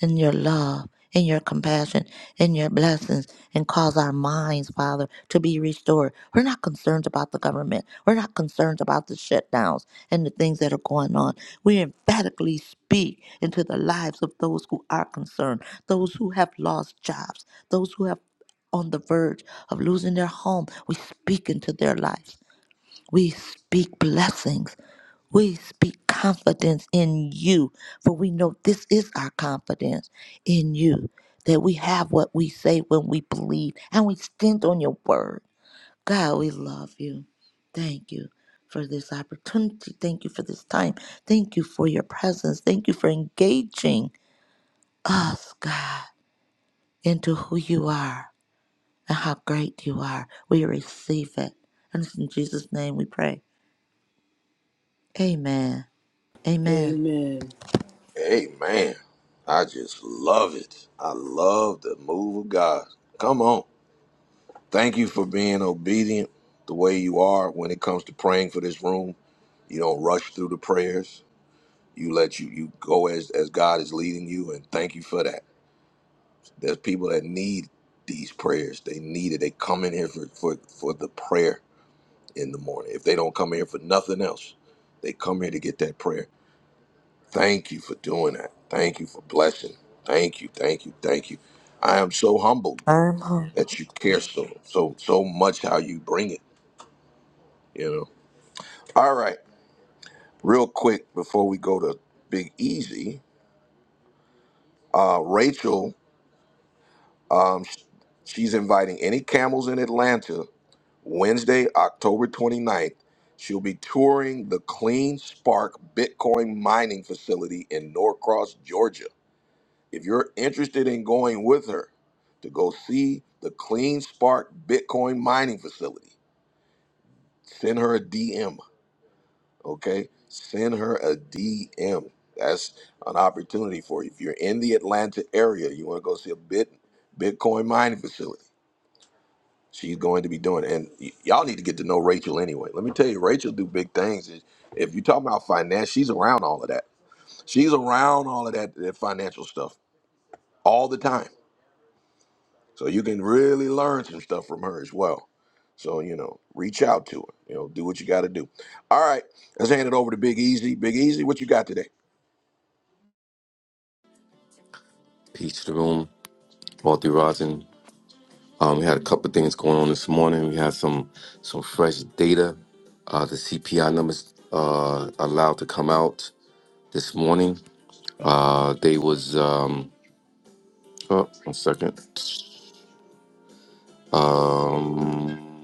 in your love, in your compassion, in your blessings, and cause our minds, Father, to be restored. We're not concerned about the government. We're not concerned about the shutdowns and the things that are going on. We emphatically speak into the lives of those who are concerned, those who have lost jobs, those who have on the verge of losing their home. We speak into their lives. We speak blessings we speak confidence in you, for we know this is our confidence in you that we have what we say when we believe and we stand on your word. God, we love you. Thank you for this opportunity. Thank you for this time. Thank you for your presence. Thank you for engaging us, God, into who you are and how great you are. We receive it. And it's in Jesus' name we pray. Amen. Amen. Amen. Hey, man. I just love it. I love the move of God. Come on. Thank you for being obedient the way you are when it comes to praying for this room. You don't rush through the prayers. You let you you go as as God is leading you, and thank you for that. There's people that need these prayers. They need it. They come in here for, for, for the prayer in the morning. If they don't come here for nothing else, they come here to get that prayer. Thank you for doing that. Thank you for blessing. Thank you, thank you, thank you. I am so humbled Amen. that you care so so so much how you bring it, you know. All right. Real quick before we go to Big Easy, uh Rachel um she's inviting any camels in Atlanta Wednesday, October 29th, she'll be touring the Clean Spark Bitcoin mining facility in Norcross, Georgia. If you're interested in going with her to go see the Clean Spark Bitcoin mining facility, send her a DM, okay? Send her a DM. That's an opportunity for you. If you're in the Atlanta area, you want to go see a bit Bitcoin mining facility she's going to be doing. And y- y'all need to get to know Rachel anyway. Let me tell you, Rachel do big things. If if you talk about finance, she's around all of that. She's around all of that, that financial stuff all the time. So you can really learn some stuff from her as well. So you know, reach out to her. You know, do what you got to do. All right, let's hand it over to Big Easy. Big Easy, what you got today? Peace to the room, Walter Rosin. Um, we had a couple of things going on this morning. We had some some fresh data. Uh, the CPI numbers uh, allowed to come out this morning. Uh, they was um, oh, one second. Um,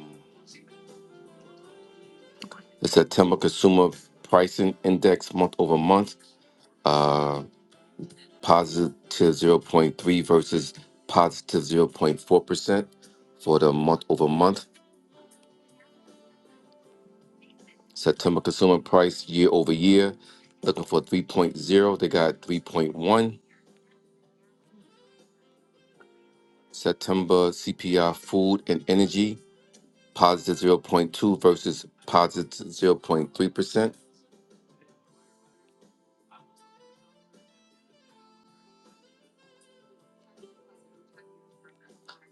the September consumer pricing index month over month uh, positive zero point 0.3 versus positive zero point 0.4 percent for the month over month. September consumer price year over year, looking for three point zero. They got 3.1. September CPI food and energy, positive zero point 0.2 versus 0.3%.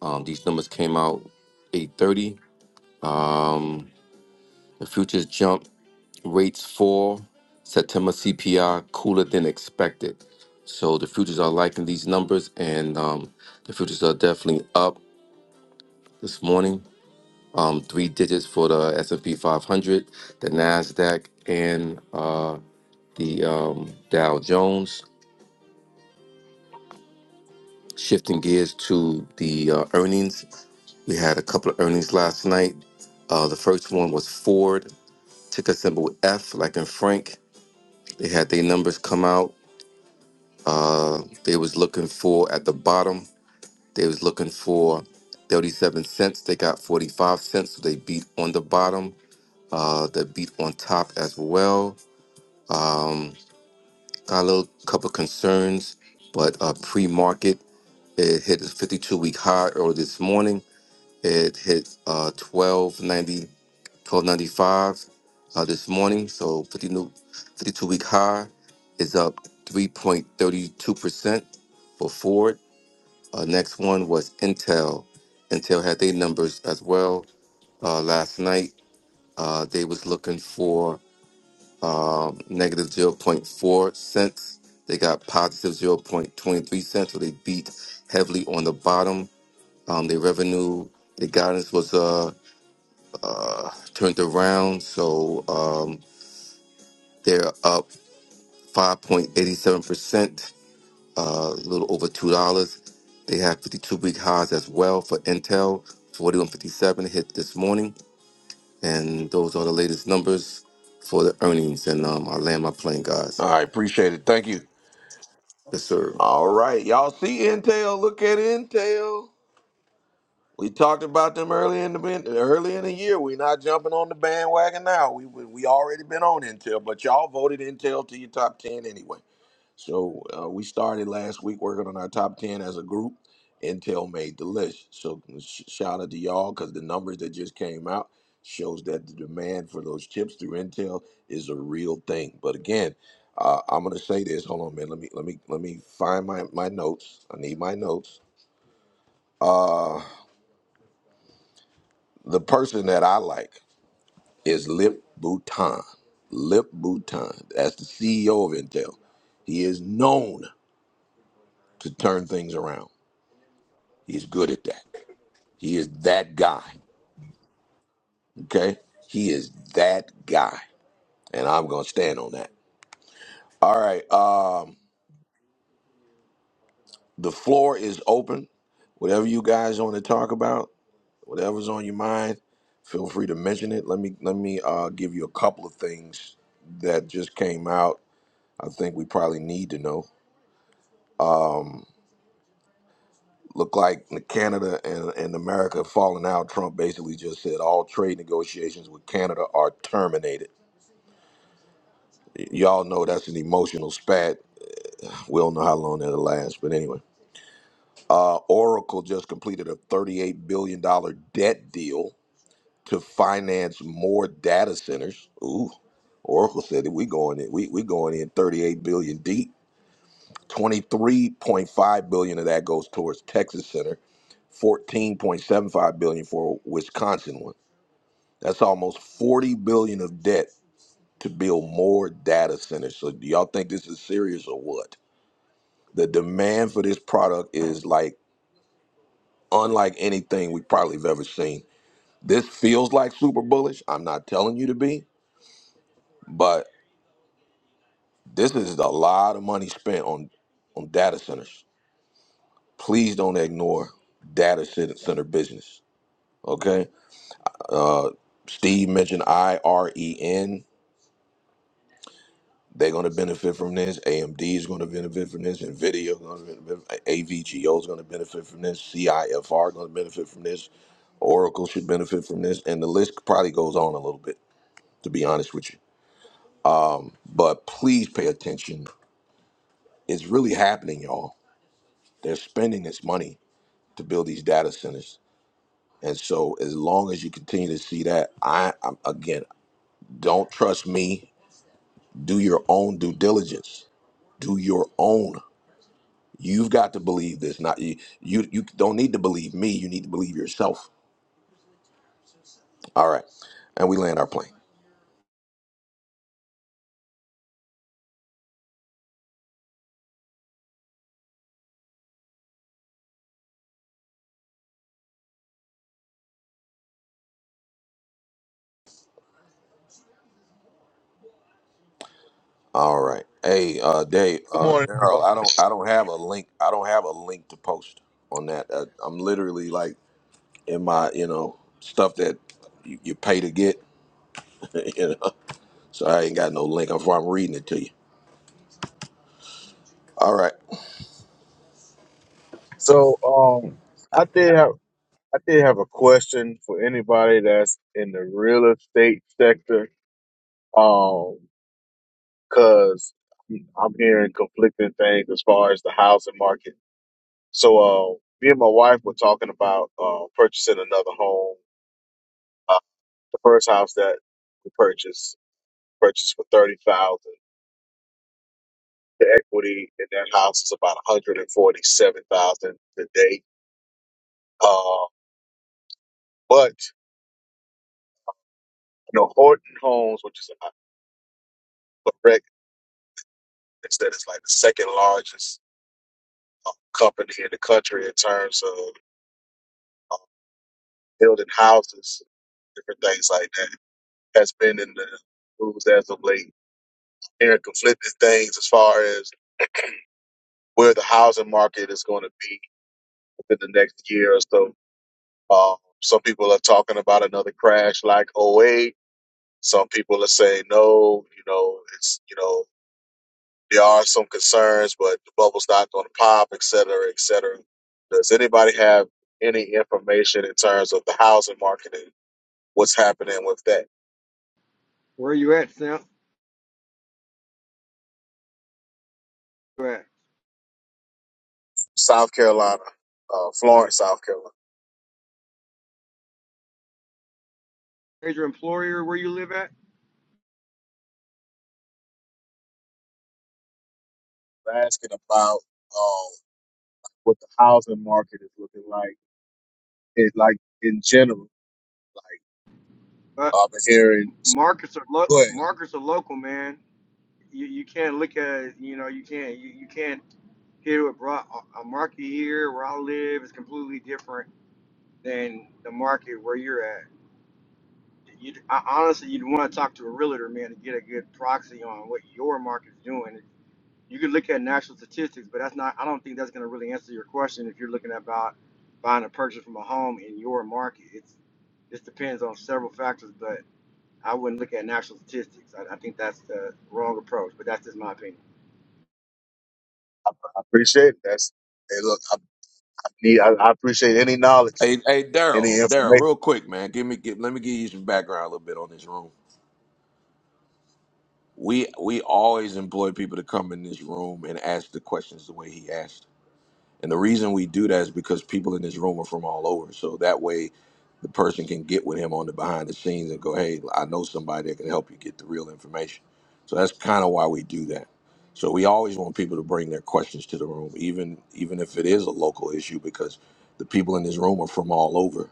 Um, these numbers came out 830. Um, the futures jump, rates fall. September CPI cooler than expected. So the futures are liking these numbers, and um, the futures are definitely up this morning. um, three digits for the S&P 500, the Nasdaq, and uh, the um, Dow Jones. Shifting gears to the uh, earnings, we had a couple of earnings last night. Uh, the first one was Ford, ticker symbol F, like in Frank. They had their numbers come out. Uh, they was looking for at the bottom. They was looking for 37 cents. They got 45 cents, so they beat on the bottom. Uh, they beat on top as well. Um, Follow a couple of concerns, but uh, pre-market it hit a 52-week high early this morning. It hit uh, 1290, 1295 uh, this morning. So 50 52-week high is up 3.32 percent for Ford. Uh, next one was Intel. Intel had their numbers as well uh, last night. Uh, they was looking for um, negative zero point 0.4 cents. They got positive 0.23 cents, so they beat heavily on the bottom. Um, their revenue, their guidance was uh, uh, turned around, so um, they're up 5.87%, uh, a little over $2. They have 52 week highs as well for Intel, 41.57 hit this morning. And those are the latest numbers for the earnings. And um, I land my plane, guys. All right, appreciate it. Thank you. Yes, sir. All right, y'all see Intel. Look at Intel. We talked about them early in the ben- early in the year. We're not jumping on the bandwagon now. We we, we already been on Intel, but y'all voted Intel to your top ten anyway. So uh, we started last week working on our top ten as a group. Intel made the list. So sh- shout out to y'all because the numbers that just came out shows that the demand for those chips through Intel is a real thing. But again, uh, I'm gonna say this. Hold on, man. Let me let me let me find my my notes. I need my notes. Uh, The person that I like is Lip Bhutan. Lip Bhutan. That's the CEO of Intel. He is known to turn things around. He's good at that. He is that guy. Okay? He is that guy. And I'm gonna stand on that. All right. Um, the floor is open. Whatever you guys want to talk about, whatever's on your mind, feel free to mention it. Let me let me uh, give you a couple of things that just came out. I think we probably need to know. um, Look like Canada and, and America falling out. Trump basically just said all trade negotiations with Canada are terminated. Y- Y'all know that's an emotional spat. We don't know how long that'll last, but anyway. Uh, Oracle just completed a $38 billion dollars debt deal to finance more data centers. Ooh, Oracle said that we going in, we, we going in 38 billion deep. 23.5 billion of that goes towards Texas Center. 14.75 billion for Wisconsin one. That's almost 40 billion of debt to build more data centers. So do y'all think this is serious or what? The demand for this product is like unlike anything we probably have ever seen. This feels like super bullish. I'm not telling you to be, but this is a lot of money spent on on data centers. Please don't ignore data cen- center business. Okay. Steve mentioned IREN. They're going to benefit from this. AMD is going to benefit from this. NVIDIA is going to benefit. AVGO is going to benefit from this. CIFR going to benefit from this. Oracle should benefit from this. And the list probably goes on a little bit, to be honest with you. But please pay attention. It's really happening, y'all. They're spending this money to build these data centers. And so as long as you continue to see that, I I'm, again, don't trust me. Do your own due diligence. Do your own. You've got to believe this. Not you. You you don't need to believe me. You need to believe yourself. All right, and we land our plane. All right. Hey, uh, Dave, Good uh, morning, everybody. Daryl, I don't I don't have a link. I don't have a link to post on that. Uh, I'm literally like in my you know stuff that you, you pay to get. *laughs* you know, so I ain't got no link. I'm I'm reading it to you. All right. So, um, I did have I did have a question for anybody that's in the real estate sector, um, because I'm hearing conflicting things as far as the housing market. So, uh, me and my wife were talking about uh, purchasing another home. Uh, the first house that we purchased purchased for thirty thousand. The equity in that house is about one hundred and forty seven thousand today. Uh, but know, Horton Homes, which is uh, correct, is that it's like the second largest uh, company in the country in terms of uh, building houses, different things like that. Has been in the news as of late. Hearing conflicting things as far as where the housing market is going to be within the next year or so. Uh, some people are talking about another crash like '08. Some people are saying no, you know, it's you know There are some concerns, but the bubble's not going to pop, et cetera, et cetera. Does anybody have any information in terms of the housing market and what's happening with that? Where you at, Sam? Where you at? South Carolina, uh, Florence, South Carolina. Major employer, where you live at? They're Asking about um, what the housing market is looking like, it, like in general. Like Uh, I've been hearing. markets are lo- Go ahead. markets are local, man. you, you can't look at you know you can't you, you can't here what brought a a market here where I live is completely different than the market where you're at. You I, honestly you'd want to talk to a realtor man to get a good proxy on what your market's doing. You could look at national statistics, but that's not I don't think that's going to really answer your question if you're looking about buying a purchase from a home in your market. It's this depends on several factors, but I wouldn't look at national statistics. I, I think that's the wrong approach, but that's just my opinion. I, I appreciate it. That's hey, look. I, I need. I, I appreciate any knowledge, Hey, hey, any Daryl, Daryl, information. real quick, man. Give me give, let me give you some background a little bit on this room. we we always employ people to come in this room and ask the questions the way he asked. And the reason we do that is because people in this room are from all over. So that way the person can get with him on the behind the scenes and go, Hey, I know somebody that can help you get the real information. So that's kind of why we do that. So we always want people to bring their questions to the room, even even if it is a local issue, because the people in this room are from all over.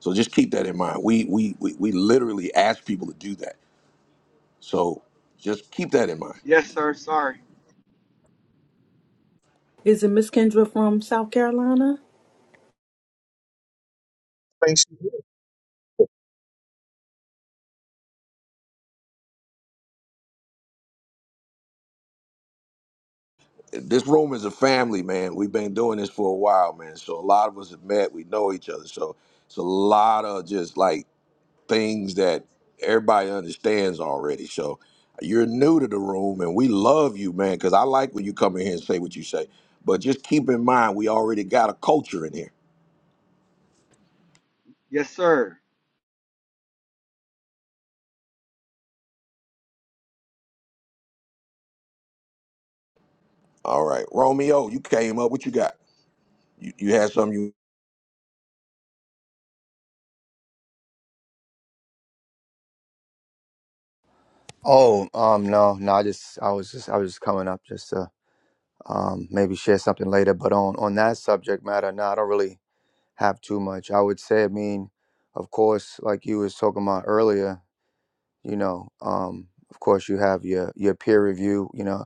So just keep that in mind. We we we, we literally ask people to do that. So just keep that in mind. Yes, sir. Sorry. Is it Miss Kendra from South Carolina? Thanks. this room is a family, man. We've been doing this for a while, man. So a lot of us have met. We know each other. So it's a lot of just like things that everybody understands already. So you're new to the room, and we love you, man. Because I like when you come in here and say what you say. But just keep in mind, we already got a culture in here. Yes, sir. All right, Romeo, you came up. What you got? You, you had something. You Oh, um, no, no. I just, I was just, I was just coming up just to um, maybe share something later. But on on that subject matter, no, I don't really have too much. I would say, I mean, of course, like you was talking about earlier, you know, um, of course, you have your your peer review. You know,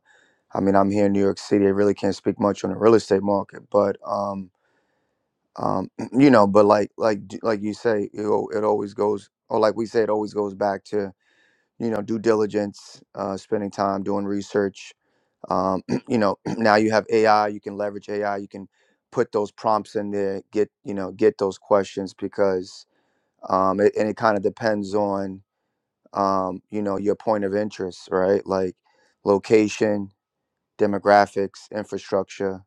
I mean, I'm here in New York City. I really can't speak much on the real estate market, but um, um, *clears throat* you know, but like like like you say, it, al- it always goes, or like we say, it always goes back to you know due diligence uh, spending time doing research um, *clears throat* you know *clears throat* now you have ai you can leverage ai you can put those prompts in there get you know get those questions because um, it, and it kind of depends on um, you know your point of interest right like location demographics infrastructure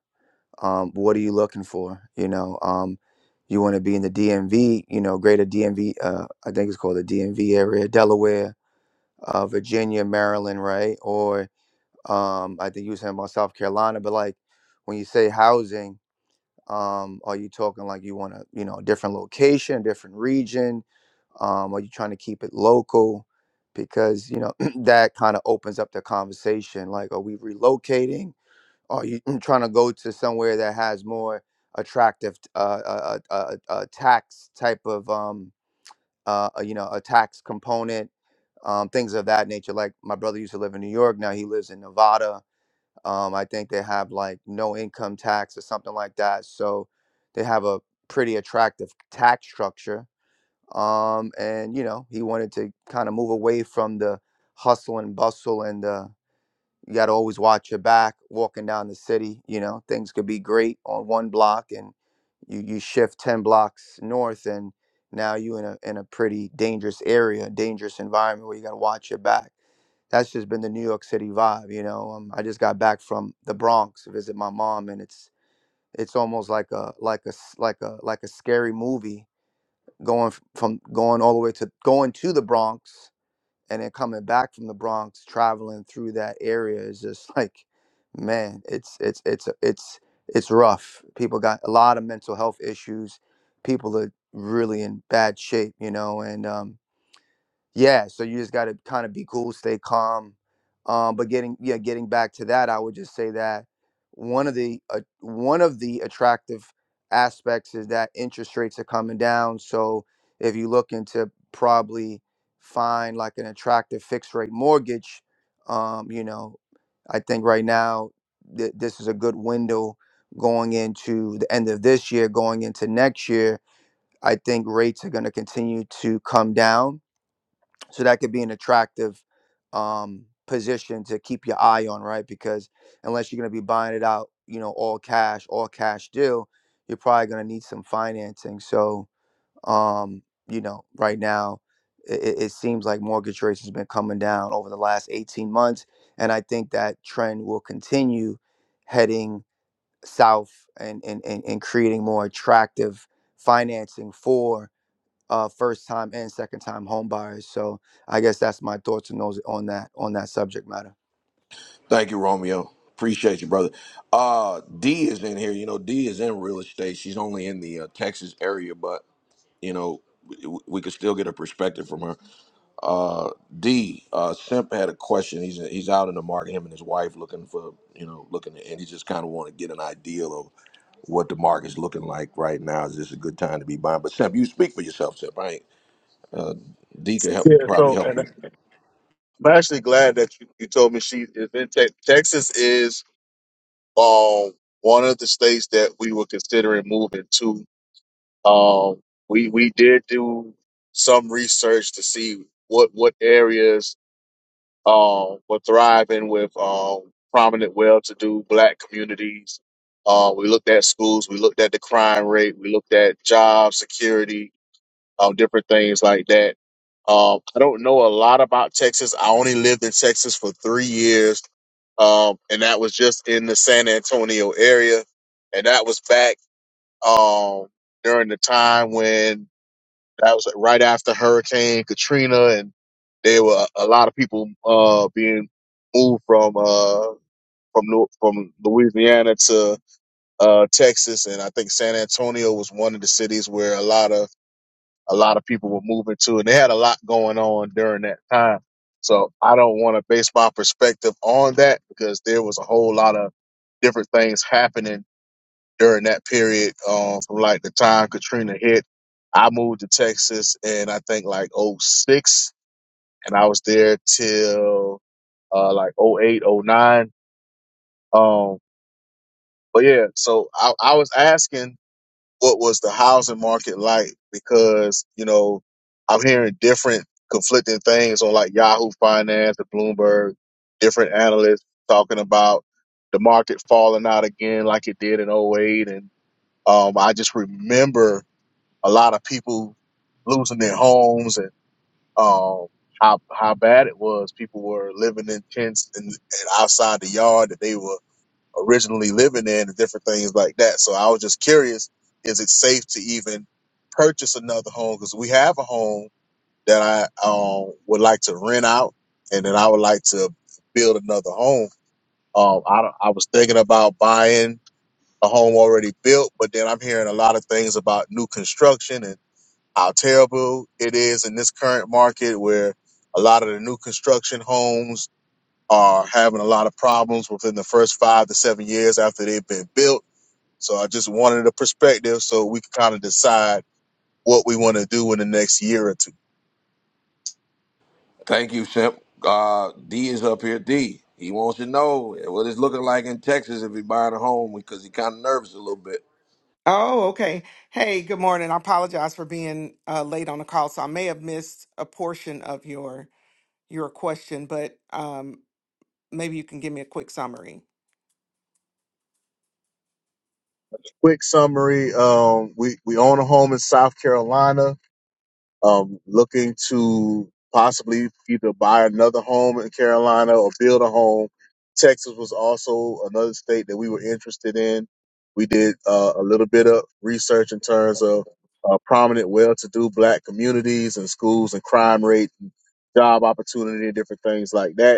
um, what are you looking for you know um, you want to be in the dmv you know greater dmv uh, i think it's called the dmv area delaware uh, Virginia, Maryland, right? Or um, I think you were saying about South Carolina. But like when you say housing, um, are you talking like you want to, you know, a different location, different region? Um, are you trying to keep it local? Because you know *clears throat* that kind of opens up the conversation. Like, are we relocating? Are you *clears throat* trying to go to somewhere that has more attractive uh, uh, uh, uh, uh, tax type of um, uh, a- you know, a tax component, um, things of that nature. Like my brother used to live in New York, now he lives in Nevada. Um, I think they have like no income tax or something like that. So they have a pretty attractive tax structure. Um, and you know, he wanted to kind of move away from the hustle and bustle and the you got to always watch your back walking down the city. You know, things could be great on one block, and you you shift ten blocks north, and now you in a in a pretty dangerous area, dangerous environment where you got to watch your back. That's just been the New York City vibe. You know, um, I just got back from the Bronx to visit my mom, and it's it's almost like a like a s- like a like a scary movie going f- from going all the way to going to the Bronx and then coming back from the Bronx, traveling through that area is just *laughs* like, man, it's it's it's it's it's rough. People got a lot of mental health issues. People are really in bad shape, you know, and um, yeah, so you just got to kind of be cool, stay calm. Um, but getting yeah, getting back to that, I would just say that one of the uh, one of the attractive aspects is that interest rates are coming down. So if you look into probably find like an attractive fixed rate mortgage, um, you know, I think right now th- this is a good window going into the end of this year, going into next year. I think rates are going to continue to come down so that could be an attractive um position to keep your eye on right because unless you're going to be buying it out you know all cash all cash deal you're probably going to need some financing so um you know right now it, it seems like mortgage rates has been coming down over the last 18 months and i think that trend will continue heading south and and and, and creating more attractive financing for uh, first time and second time home buyers. So I guess that's my thoughts and those on that on that subject matter. thank you, Romeo. Appreciate you, brother. Uh, D is in here. You know, D is in real estate. She's only in the uh, Texas area, but you know, we, we could still get a perspective from her. Uh, D uh, Simp had a question. He's he's out in the market. Him and his wife looking for you know looking, and he just kind of want to get an ideal of what the market's looking like right now. Is this a good time to be buying? But Simp, you speak for yourself, Simp. I ain't, uh, D could help Yeah. probably So, help and you. I'm actually glad that you, you told me she is in Tex Texas is um one of the states that we were considering moving to. Um, we we did do some research to see what what areas um were thriving with um prominent well-to-do black communities. Uh, we looked at schools, we looked at the crime rate, we looked at job security, um, different things like that. Um, I don't know a lot about Texas. I only lived in Texas for three years um, and that was just in the San Antonio area, and that was back um, during the time when that was right after Hurricane Katrina, and there were a lot of people uh, being moved from uh, from Lu- from Louisiana to uh, Texas, and I think San Antonio was one of the cities where a lot of a lot of people were moving to, and they had a lot going on during that time. So I don't want to base my perspective on that because there was a whole lot of different things happening during that period. Um, from like the time Katrina hit, I moved to Texas, and I think like '06, and I was there till uh, like '08, '09. Um, but yeah, so I, I was asking what was the housing market like because you know i'm hearing different conflicting things on like yahoo finance and bloomberg different analysts talking about the market falling out again like it did in '08. and um, i just remember a lot of people losing their homes and um, how how bad it was people were living in tents and, and outside the yard that they were originally living in and different things like that. So I was just curious, is it safe to even purchase another home? Because we have a home that I um, would like to rent out and then I would like to build another home. Um, I, don't- I was thinking about buying a home already built, but then I'm hearing a lot of things about new construction and how terrible it is in this current market where a lot of the new construction homes are having a lot of problems within the first five to seven years after they've been built so I just wanted a perspective so we could kind of decide what we want to do in the next year or two. Thank you, Simp. Uh, D is up here. D. He wants to know what it's looking like in Texas if he's buying a home because he kind of nervous a little bit. Oh, okay. Hey, good morning. I apologize for being uh, late on the call, so I may have missed a portion of your your question, but um, maybe you can give me a quick summary. Quick summary: um, we we own a home in South Carolina. Um, looking to possibly either buy another home in Carolina or build a home. Texas was also another state that we were interested in. We did uh, a little bit of research in terms of uh, prominent, well-to-do Black communities and schools and crime rate, job opportunity, and different things like that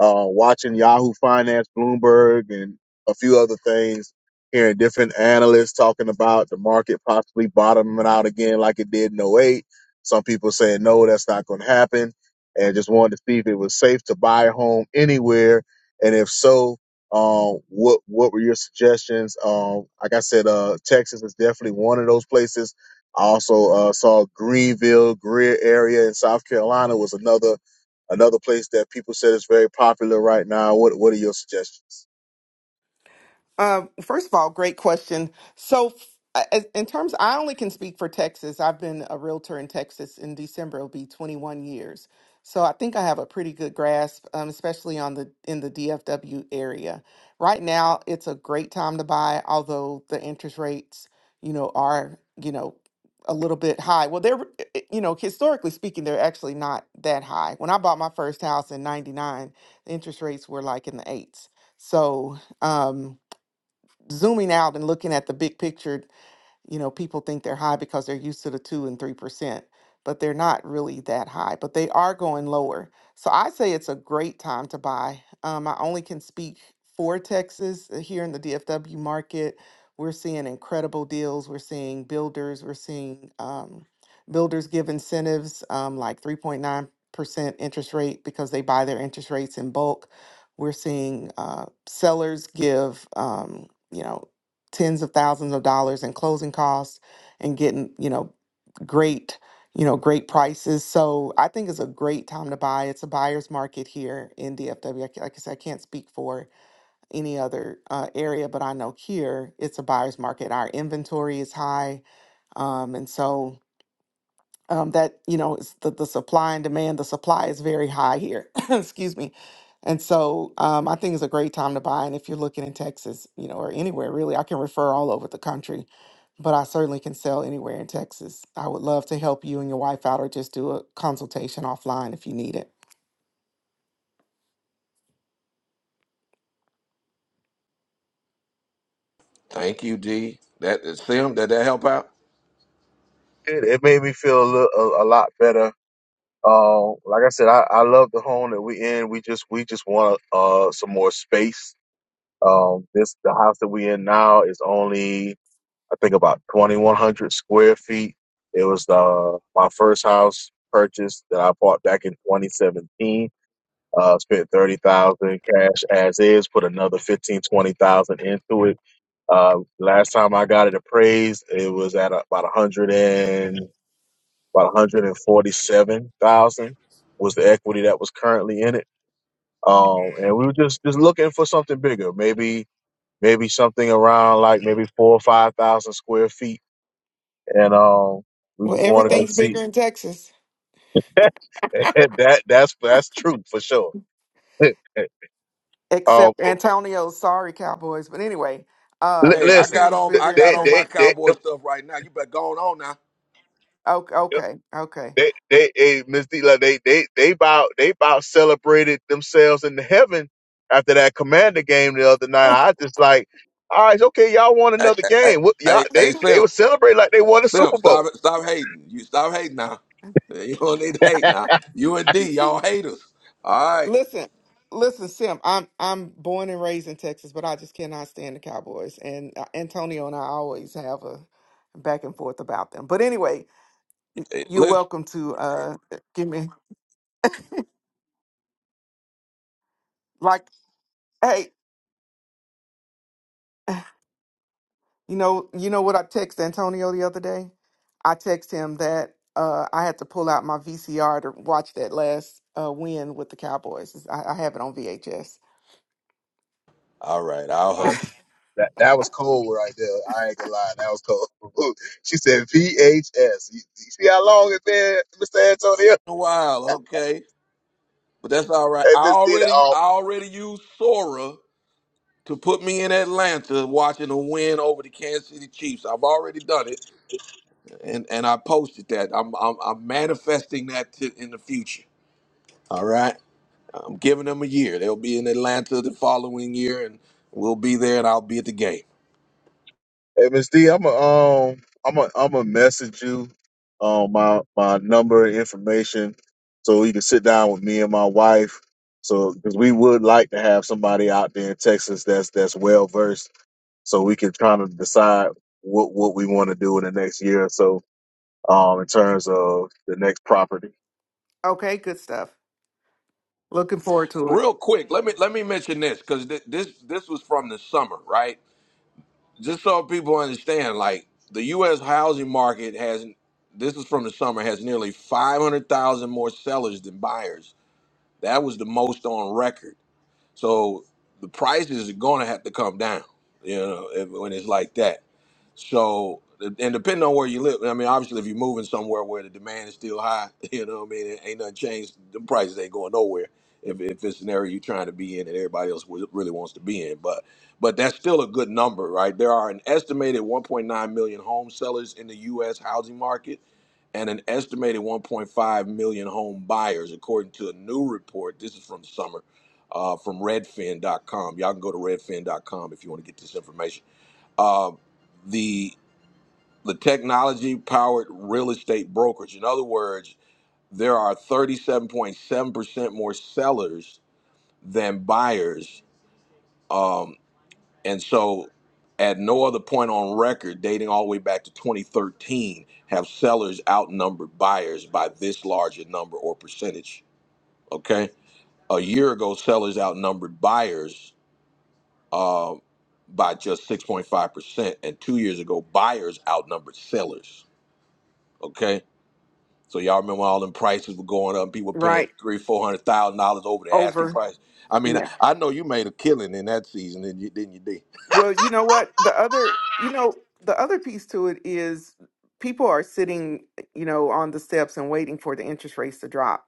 uh, watching Yahoo Finance, Bloomberg, and a few other things, hearing different analysts talking about the market possibly bottoming out again like it did in '08. Some people saying, no, that's not going to happen. And just wanted to see if it was safe to buy a home anywhere. And if so, um, what what were your suggestions? Um, like I said, uh, Texas is definitely one of those places. I also uh, saw Greenville, Greer area in South Carolina was another Another place that people said is very popular right now. What What are your suggestions? Um, first of all, great question. So, f- I- in terms, I only can speak for Texas. I've been a realtor in Texas. In December, it'll be 21 years. So, I think I have a pretty good grasp, um, especially on the in the DFW area. Right now, it's a great time to buy, although the interest rates, you know, are you know a little bit high. Well, they're eh, eh, you know historically speaking, they're actually not that high. When I bought my first house in '99, the interest rates were like in the eights. So. um zooming out and looking at the big picture, you know, people think they're high because they're used to the two and three percent, but they're not really that high, but they are going lower. So I say it's a great time to buy. Um, I only can speak for Texas uh, here in the DFW market. We're seeing incredible deals. We're seeing builders. We're seeing um, builders give incentives um, like 3.9% interest rate because they buy their interest rates in bulk. We're seeing uh, sellers give um, you know tens of thousands of dollars in closing costs and getting you know great you know great prices so i think it's a great time to buy it's a buyer's market here in dfw ca- like i said i can't speak for any other uh, area but i know here it's a buyer's market our inventory is high um, and so um, that you know it's the, the supply and demand the supply is very high here *laughs* *coughs* excuse me and so um, i think it's a great time to buy and if you're looking in texas you know or anywhere really i can refer all over the country but i certainly can sell anywhere in texas i would love to help you and your wife out or just do a consultation offline if you need it Thank you, D. That Sim, did that help out? It, it made me feel a, little, a, a lot better. Uh, like I said, I, I love the home that we in. We just we just want uh, some more space. Um, this the house that we in now is only I think about 2,100 square feet. It was uh, my first house purchase that I bought back in 2017. Uh, spent 30,000 cash as is, put another 15 20,000 into it Uh, last time I got it appraised, it was at about a hundred and about one hundred and forty-seven thousand was the equity that was currently in it. Um, and we were just just looking for something bigger, maybe maybe something around like maybe four or five thousand square feet. And um, we well, just wanted to everything's see bigger in Texas *laughs* that that's that's true for sure. *laughs* um, except Antonio's. Sorry, Cowboys. But anyway, li- um, Hey, I listen, everything got is on I bigger in got they on they my Texas. cowboy they. stuff right now. You better go on on now. Okay, okay, okay. They they hey, Miss D like they they they about they about celebrated themselves in the heaven after that commander game the other night. I just like, all right, okay, y'all won Hey, another hey, hey, game. What y'all hey, hey, they they were Simps, celebrating like they won the Super Simps, Bowl. stop it, stop hating. You stop hating now. *laughs* You don't need to hate now. You and D, y'all haters. All right, Listen, listen, Sim. I'm I'm born and raised in Texas, but I just cannot stand the Cowboys. And uh, Antonio and I always have a back and forth about them. But anyway, Hey, you're listen. welcome to uh give me like, hey, you know, you know what I text Antonio the other day? I text him that uh I had to pull out my VCR to watch that last uh win with the Cowboys. I, I have it on VHS All right, I'll Wow, hush. that that was cold right there. I ain't gonna lie, that was cold. *laughs* she said VHS. You, you see how long it's been, Mr. Antonio? *laughs* A while, okay, but that's all right. Hey, I Miss D. already, I already used Sora to put me in Atlanta watching a win over the Kansas City Chiefs. I've already done it, and and I posted that. I'm I'm, I'm manifesting that to, in the future. All right. I'm giving them a year. They'll be in Atlanta the following year, and we'll be there, and I'll be at the game. Hey, Miss D, I'm a um, I'm a I'm a message you, um, my my number and information, so you can sit down with me and my wife. so because we would like to have somebody out there in Texas that's that's well versed, so we can kind of decide what what we want to do in the next year or so, um, in terms of the next property. Okay, good stuff. Looking forward to it. Real quick, let me let me mention this because th- this this was from the summer, right? Just so people understand, like the U.S. housing market has this is from the summer has nearly 500,000 more sellers than buyers. That was the most on record. So the prices are going to have to come down, you know, if, when it's like that. So, and depending on where you live, I mean, obviously, if you're moving somewhere where the demand is still high, *laughs* you know what I mean? It ain't nothing changed. The prices ain't going nowhere if, if it's an area you're trying to be in and everybody else wa- really wants to be in. But, but that's still a good number, right? There are an estimated 1.9 million home sellers in the U.S. housing market and an estimated 1.5 million home buyers, according to a new report. This is from summer. Uh, from redfin.com. Y'all can go to redfin.com if you want to get this information. Um, the technology powered real estate brokerage. In other words, there are 37.7% more sellers than buyers. Um, and so, at no other point on record, dating all the way back to 2013, have sellers outnumbered buyers by this large a number or percentage. Okay. A year ago, sellers outnumbered buyers uh, by just 6.5%. And two years ago, buyers outnumbered sellers. Okay So y'all remember when all them prices were going up, and people were paying Right. three, four hundred thousand dollars over the asking Over. price. I mean, Yeah. I know you made a killing in that season, didn't you? Didn't you, D? Well, you know what? The other, you know, the other piece to it is people are sitting, you know, on the steps and waiting for the interest rates to drop.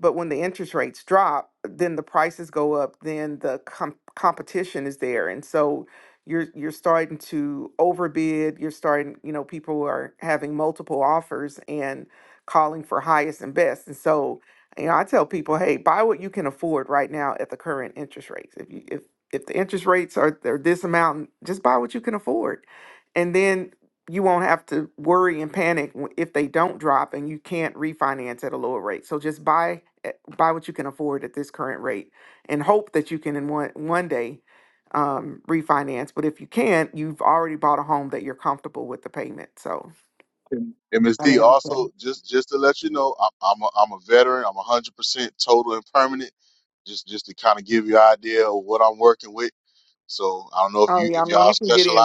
But when the interest rates drop, then the prices go up, then the com- competition is there. And so you're you're starting to overbid, you're starting, you know, people are having multiple offers and calling for highest and best. And so, you know, I tell people, hey, buy what you can afford right now at the current interest rates. If if you if if the interest rates are, are this amount, just buy what you can afford. And then you won't have to worry and panic w- if they don't drop and you can't refinance at a lower rate. So just buy at- buy what you can afford at this current rate and hope that you can in one one day um, refinance. But if you can't, you've already bought a home that you're comfortable with the payment. So And and Ms. I D, like- also just just to let you know, I, I'm a, I'm a veteran. I'm 100 percent total and permanent. Just just to kind of give you an idea of what I'm working with. So I don't know if oh you if y'all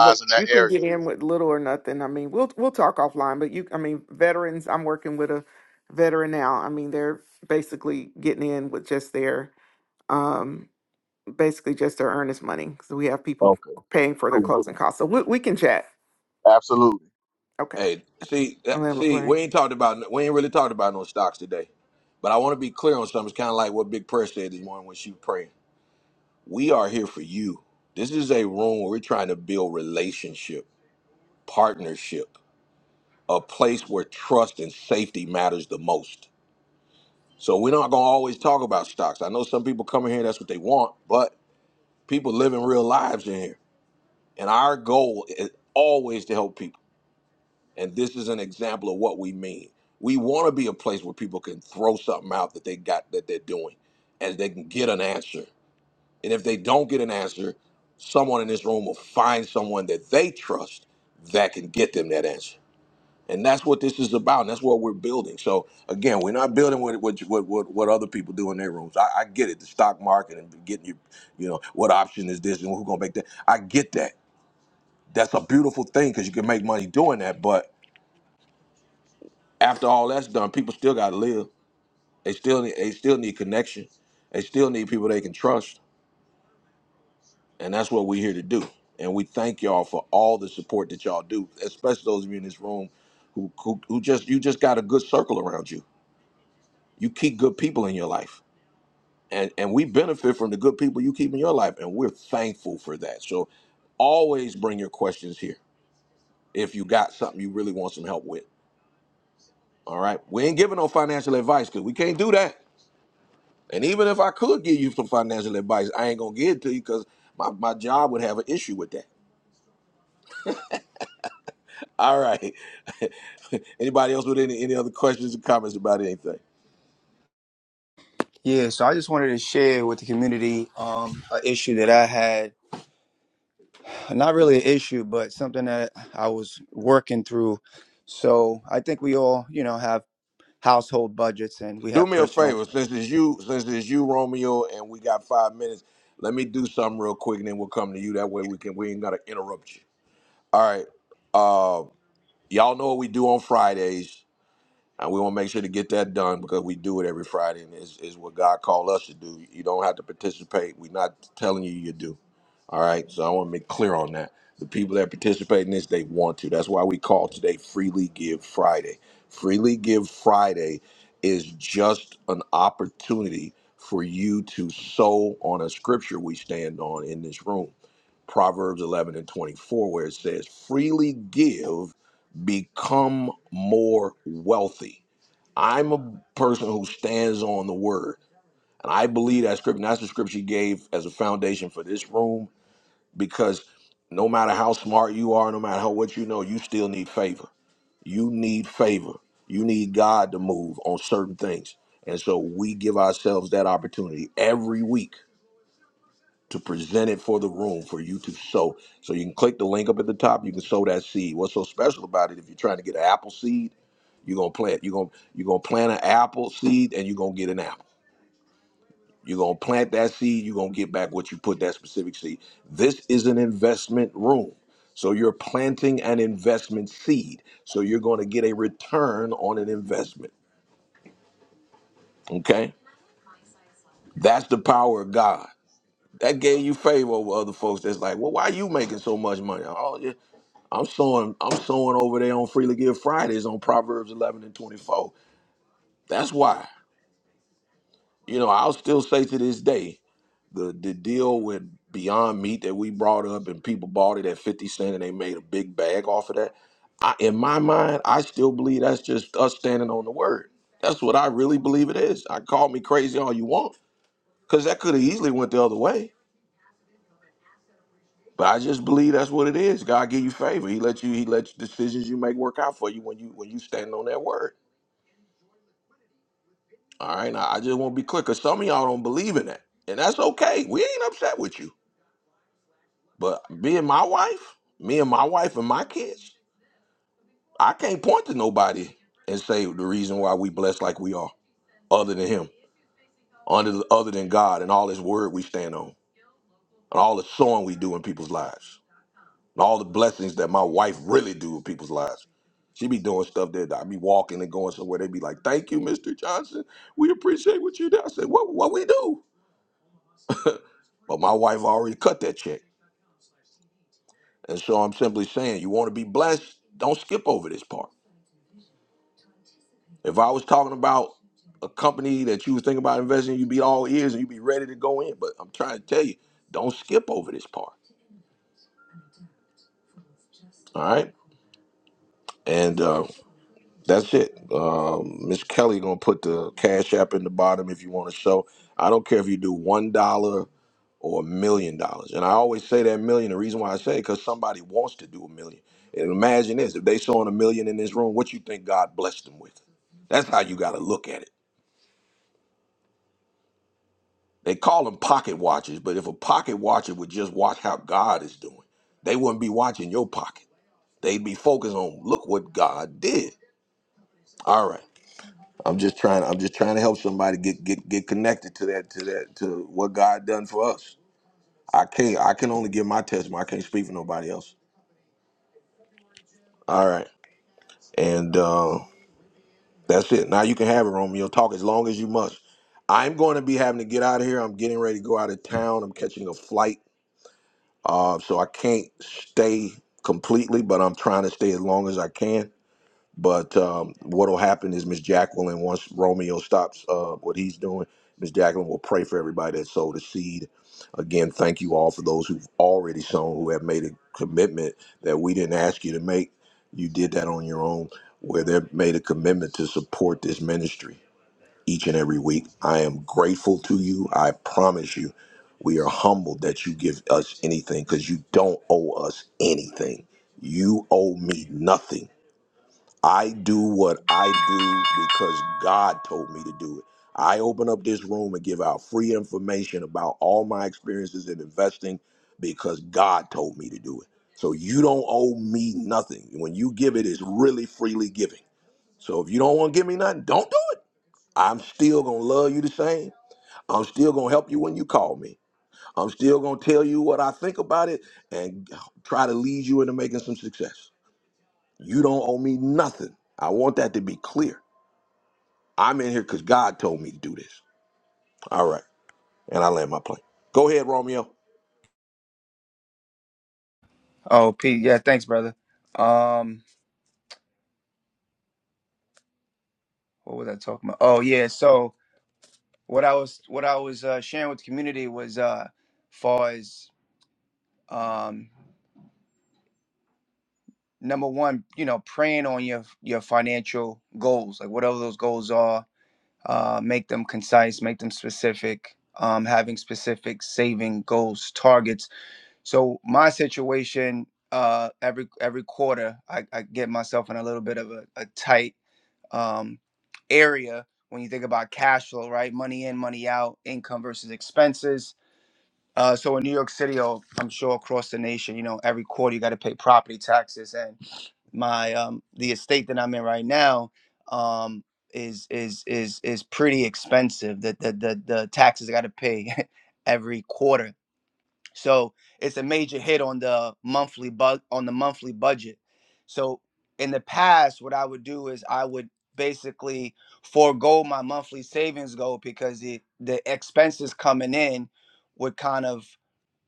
wait. in that area. And with little or nothing, I mean, we'll we'll talk offline. But you, I mean, veterans. I'm working with a veteran now. I mean, they're basically getting in with just their, um, basically just their earnest money. So we have people Okay, paying for their cool. closing costs. So we we can chat. Absolutely. Okay, Hey, see, I'll that- have a see, plan. we ain't talked about, we ain't really talked about no stocks today. But I want to be clear on something. It's kind of like what Big Prayer said this morning when she was praying. We are here for you. This is a room where we're trying to build relationship, partnership, a place where trust and safety matters the most. So we're not gonna always talk about stocks. I know some people come in here, that's what they want, but people living real lives in here. And our goal is always to help people. And this is an example of what we mean. We want to be a place where people can throw something out that they got that they're doing and they can get an answer. And if they don't get an answer, someone in this room will find someone that they trust that can get them that answer. And that's what this is about. And that's what we're building. So again, we're not building what what what what, what other people do in their rooms. I, I get it, the stock market and getting you, you know, what option is this and who's gonna make that. I get that. That's a beautiful thing because you can make money doing that. But after all that's done, people still gotta live. They still need they still need connection. They still need people they can trust. And that's what we're here to do. And we thank y'all for all the support that y'all do, especially those of you in this room who who, who just you just got a good circle around you You keep good people in your life. And and we benefit from the good people you keep in your life. And we're thankful for that. So always bring your questions here if you got something you really want some help with. All right. We ain't giving no financial advice because we can't do that. And even if I could give you some financial advice, I ain't gonna give it to you because my, my job would have an issue with that. All right. *laughs* Anybody else with any any other questions or comments about anything? Yeah, so I just wanted to share with the community um, an issue that I had, not really an issue, but something that I was working through. So I think we all, you know, have household budgets and we do have me a personal. favor since it's you since it's you romeo and we got five minutes let me do something real quick and then we'll come to you that way we can we ain't gotta interrupt you all right uh y'all know what we do on fridays and we want to make sure to get that done because we do it every friday and it's, it's what god called us to do you don't have to participate we're not telling you you do all right. So I want to make clear on that. The people that participate in this, they want to. That's why we call today Freely Give Friday. Freely Give Friday is just an opportunity for you to sow on a scripture we stand on in this room Proverbs 11 and 24, where it says, Freely give, become more wealthy. I'm a person who stands on the word. And I believe that scripture, and that's the scripture he gave as a foundation for this room because no matter how smart you are, no matter how what you know, you still need favor. You need favor. You need God to move on certain things. And so we give ourselves that opportunity every week to present it for the room for you to sow. So you can click the link up at the top, you can sow that seed. What's so special about it if you're trying to get an apple seed, you're going to plant you're going to you're going to plant an apple seed and you're going to get an apple. You're gonna plant that seed, you're gonna get back what you put that specific seed. This is an investment room. So you're planting an investment seed. So you're gonna get a return on an investment. Okay? That's the power of God. That gave you favor over other folks that's like, well, why you making so much money? Oh yeah. I'm sowing, I'm sowing over there on Freely Give Fridays on Proverbs eleven and twenty-four. That's why. You know, I'll still say to this day. the the deal with Beyond Meat that we brought up and people bought it at 50 cent and they made a big bag off of that. I, in my mind, I still believe that's just us standing on the word. That's what I really believe it is. I call me crazy all you want because that could have easily went the other way. But I just believe that's what it is. God give you favor. He let you. He let you, decisions you make work out for you when you when you stand on that word. All right. Now I just want to be clear because some of y'all don't believe in that, and that's okay. We ain't upset with you. But me and my wife, me and my wife and my kids, I can't point to nobody and say the reason why we blessed like we are, other than Him, under other than God and all His Word we stand on, and all the sowing we do in people's lives, and all the blessings that my wife really do in people's lives. She be doing stuff that I be walking and going somewhere. They be like, "Thank you, Mister Johnson. We appreciate what you do." I said, "What? What we do?" *laughs* but my wife already cut that check, and so I'm simply saying, you want to be blessed, don't skip over this part If I was talking about a company that you was thinking about investing, in, you'd be all ears and you'd be ready to go in. But I'm trying to tell you, don't skip over this part. All right, and uh, that's it. Um, Miss Kelly gonna put the cash app in the bottom if you want to show. I don't care if you do one dollar or a million dollars. And I always say that million. The reason why I say it because somebody wants to do a million. And imagine this: if they sowing a million in this room, what you think God blessed them with? That's how you got to look at it. They call them pocket watchers, but if a pocket watcher would just watch how God is doing, they wouldn't be watching your pocket. They'd be focused on look what God did. All right. I'm just trying I'm just trying to help somebody get get get connected to that to that to what God done for us. I can't I can only give my testimony. I can't speak for nobody else. All right. And uh that's it. Now you can have it, Romeo. Talk as long as you must. I'm going to be having to get out of here. I'm getting ready to go out of town. I'm catching a flight Uh, so I can't stay completely, but I'm trying to stay as long as I can. But um, what'll happen is Miss Jacqueline, once Romeo stops uh, what he's doing, Miss Jacqueline will pray for everybody that sowed a seed. Again, thank you all for those who've already sown, who have made a commitment that we didn't ask you to make. You did that on your own, where they've made a commitment to support this ministry each and every week. I am grateful to you. I promise you, we are humbled that you give us anything because you don't owe us anything. You owe me nothing. I do what I do because God told me to do it. I open up this room and give out free information about all my experiences in investing because God told me to do it. So you don't owe me nothing. When you give it, it's really freely giving. So if you don't want to give me nothing, don't do I'm still going to love you the same. I'm still going to help you when you call me. I'm still going to tell you what I think about it and try to lead you into making some success. You don't owe me nothing. I want that to be clear. I'm in here because God told me to do this. All right. And I land my plane. Go ahead, Romeo. Oh, Pete, yeah, thanks, brother. Um, what was I talking about? Oh, yeah. So what I was what I was uh, sharing with the community was, uh, far as um, number one, you know, praying on your your financial goals, like whatever those goals are, uh, make them concise, make them specific. Um, having specific saving goals, targets. So my situation, uh, every every quarter, I, I get myself in a little bit of a, a tight um, area when you think about cash flow, right? Money in, money out, income versus expenses uh, so in New York City, or I'm sure across the nation, you know, every quarter you got to pay property taxes, and my um, the estate that I'm in right now um, is is is is pretty expensive. The the the, the taxes I got to pay *laughs* every quarter, so it's a major hit on the monthly bu- on the monthly budget. So in the past, what I would do is I would basically forego my monthly savings goal because the the expenses coming in would kind of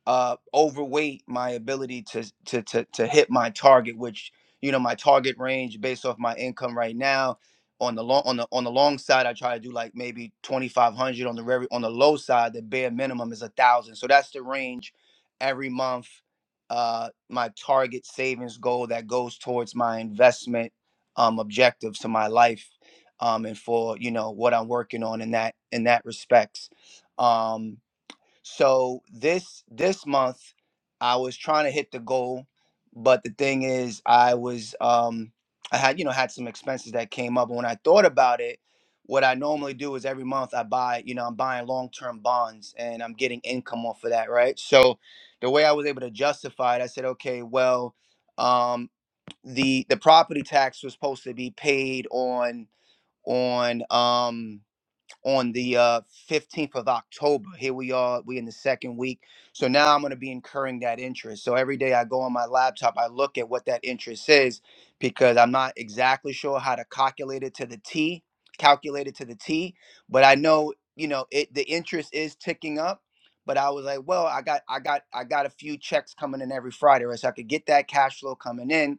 uh, overweight my ability to, to to to hit my target, which you know my target range based off my income right now. On the long on the on the long side, I try to do like maybe twenty five hundred. On the very on the low side, the bare minimum is a thousand. So that's the range every month. Uh, my target savings goal that goes towards my investment um, objectives to my life um, and for you know what I'm working on in that in that respects. Um, so this this month, I was trying to hit the goal, but the thing is, I was um, I had you know had some expenses that came up. And when I thought about it, what I normally do is every month I buy you know I'm buying long term bonds and I'm getting income off of that, right? So the way I was able to justify it, I said, okay, well, um, the the property tax was supposed to be paid on on um, on the uh, 15th of October. Here we are, we in the second week. So now I'm going to be incurring that interest. So every day I go on my laptop, I look at what that interest is because I'm not exactly sure how to calculate it to the T, calculate it to the T, but I know, you know, it the interest is ticking up. But I was like, well, I got I got I got a few checks coming in every Friday, right? So I could get that cash flow coming in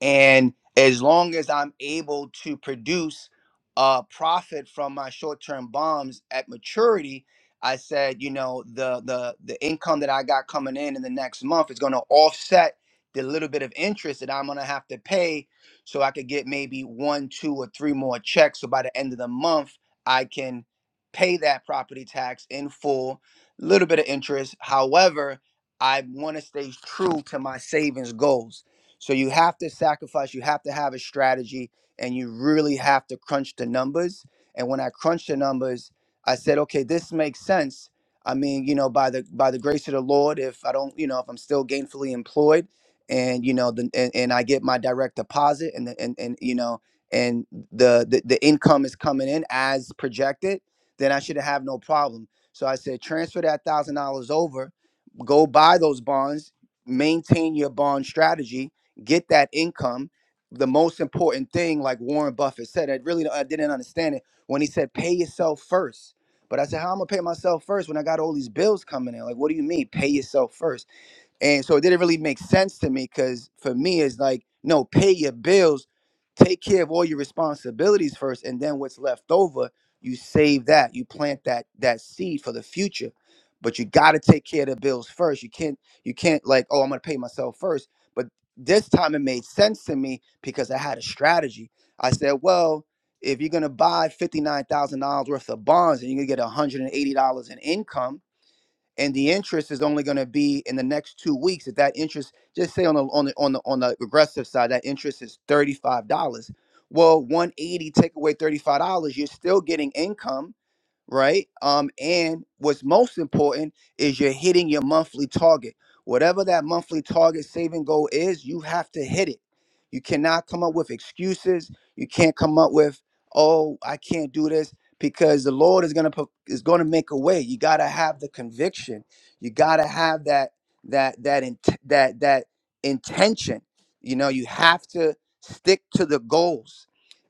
and as long as i'm able to produce a profit from my short-term bonds at maturity i said you know the the the income that i got coming in in the next month is going to offset the little bit of interest that i'm going to have to pay so i could get maybe one two or three more checks so by the end of the month i can pay that property tax in full little bit of interest however i want to stay true to my savings goals so you have to sacrifice, you have to have a strategy, and you really have to crunch the numbers. And when I crunched the numbers, I said, okay, this makes sense. I mean, you know, by the by the grace of the Lord, if I don't, you know, if I'm still gainfully employed and you know, the, and, and I get my direct deposit and the, and, and you know, and the, the the income is coming in as projected, then I should have no problem. So I said, transfer that thousand dollars over, go buy those bonds, maintain your bond strategy, get that income. The most important thing, like Warren Buffett said, I really I didn't understand it when he said, pay yourself first. But I said, how am I gonna pay myself first when I got all these bills coming in? Like, what do you mean, pay yourself first? And so it didn't really make sense to me because for me, it's like, no, pay your bills, take care of all your responsibilities first, and then what's left over, you save that, you plant that that seed for the future. But you gotta take care of the bills first. You can't you can't like, oh, I'm gonna pay myself first. But this time it made sense to me because I had a strategy. I said, well, if you're gonna buy fifty nine thousand dollars worth of bonds and you're gonna get one hundred and eighty dollars in income and the interest is only going to be in the next two weeks. If that interest, just say on the on the on the on the regressive side, that interest is thirty five dollars. Well, one eighty take away thirty five dollars, you're still getting income right? Um, and what's most important is you're hitting your monthly target. Whatever that monthly target saving goal is, you have to hit it. You cannot come up with excuses. You can't come up with, oh, I can't do this because the Lord is gonna pro- is gonna make a way. You gotta have the conviction. You gotta have that that that int- that that intention. You know, you have to stick to the goals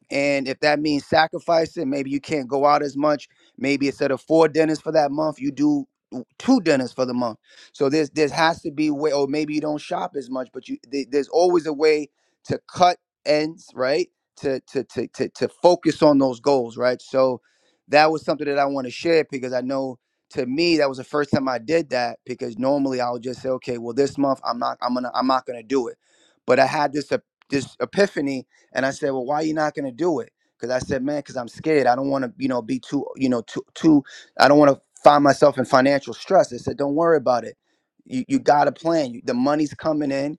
and if that means sacrificing, maybe you can't go out as much. Maybe instead of four dinners for that month, you do w- two dinners for the month. So there's there has to be way, or maybe you don't shop as much, but you there- there's always a way to cut ends, right? To to to to to focus on those goals, right? So that was something that I want to share because I know to me that was the first time I did that because normally I would just say, okay, well this month I'm not I'm gonna I'm not gonna do it, but I had this ep- this epiphany and I said, well, why are you not gonna do it? Because I said, man, because I'm scared. I don't want to, you know, be too, you know, too, too. I don't want to find myself in financial stress. I said, don't worry about it. You you got a plan. You, the money's coming in.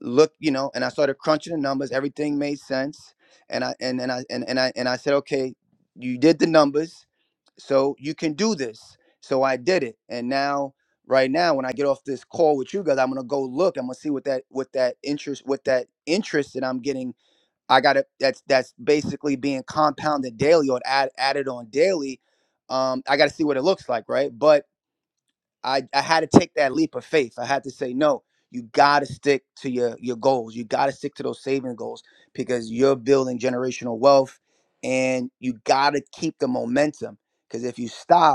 Look, you know. And I started crunching the numbers. Everything made sense. And I and and I and, and I and I said, okay, you did the numbers so you can do this so i did it and now right now when i get off this call with you guys i'm gonna go look i'm gonna see what that what that interest what that interest that i'm getting I got it. that's that's basically being compounded daily or add, added on daily. Um, I got to see what it looks like, right? But I I had to take that leap of faith. I had to say no. You got to stick to your your goals. You got to stick to those saving goals because you're building generational wealth, and you got to keep the momentum. Because if you stop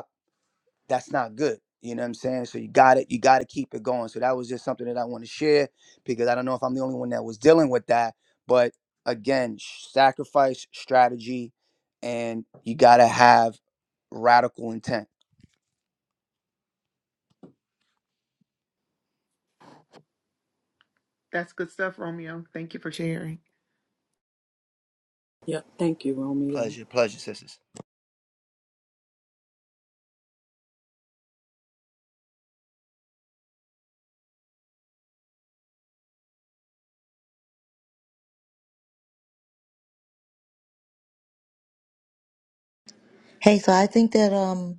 that's not good. You know what I'm saying? So you got it. You got to keep it going. So that was just something that I want to share because I don't know if I'm the only one that was dealing with that. But again, sh- sacrifice, strategy, and you got to have radical intent. That's good stuff, Romeo. Thank you for sharing. Yep. Thank you, Romeo. Pleasure, pleasure, sisters. Hey, so I think that um,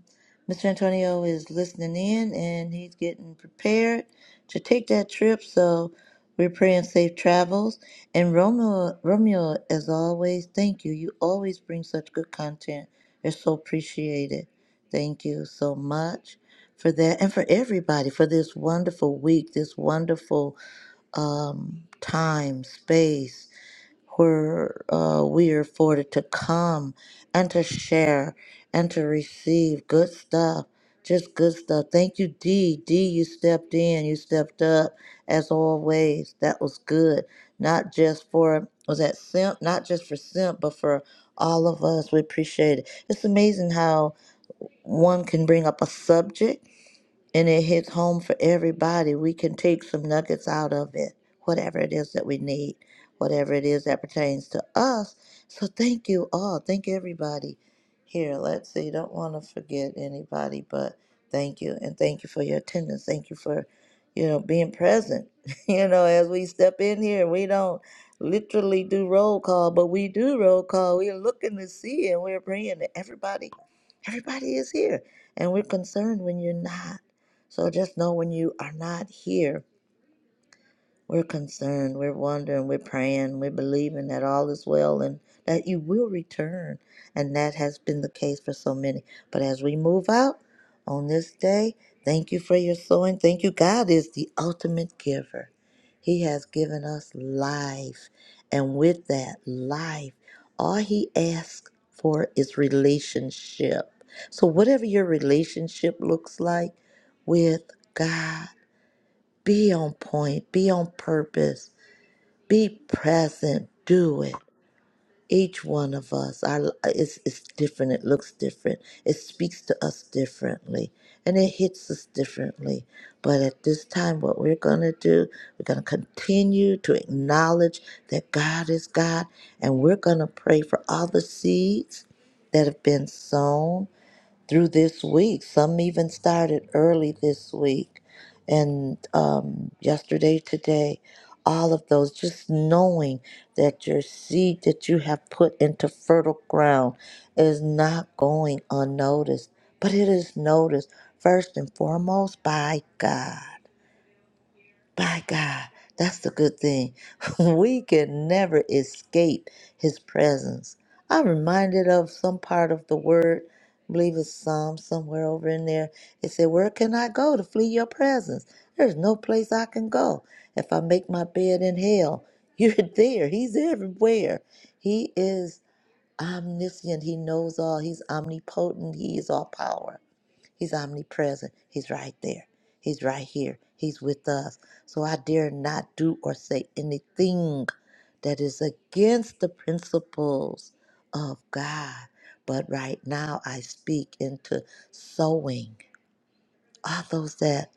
Mr. Antonio is listening in and he's getting prepared to take that trip. So we're praying safe travels. And Romeo, Romeo, as always, thank you. You always bring such good content. It's so appreciated. Thank you so much for that and for everybody for this wonderful week, this wonderful um, time, space where uh, we are afforded to come and to share and to receive good stuff, just good stuff. Thank you, D. D, you stepped in, you stepped up as always. That was good. Not just for was that simp, not just for simp, but for all of us. We appreciate it. It's amazing how one can bring up a subject and it hits home for everybody. We can take some nuggets out of it, whatever it is that we need, whatever it is that pertains to us. So thank you all. Thank everybody. Here, let's see. Don't want to forget anybody, but thank you and thank you for your attendance. Thank you for, you know, being present. *laughs* you know, as we step in here, we don't literally do roll call, but we do roll call. We're looking to see and we're praying that everybody, everybody is here, and we're concerned when you're not. So just know when you are not here, we're concerned, we're wondering, we're praying, we're believing that all is well and that you will return. And that has been the case for so many. But as we move out on this day, thank you for your sowing. Thank you. God is the ultimate giver. He has given us life. And with that life, all He asks for is relationship. So, whatever your relationship looks like with God, be on point, be on purpose, be present, do it. Each one of us, our, it's, it's different, it looks different, it speaks to us differently, and it hits us differently. But at this time, what we're going to do, we're going to continue to acknowledge that God is God, and we're going to pray for all the seeds that have been sown through this week. Some even started early this week and um, yesterday, today, all of those, just knowing that your seed that you have put into fertile ground is not going unnoticed, but it is noticed first and foremost by God. By God, that's the good thing. *laughs* We can never escape His presence. I'm reminded of some part of the word, I believe it's Psalm somewhere over in there. It said, Where can I go to flee your presence? There's no place I can go. If I make my bed in hell, you're *laughs* there. He's everywhere. He is omniscient. He knows all. He's omnipotent. He is all power. He's omnipresent. He's right there. He's right here. He's with us. So I dare not do or say anything that is against the principles of God. But right now I speak into sowing. All those that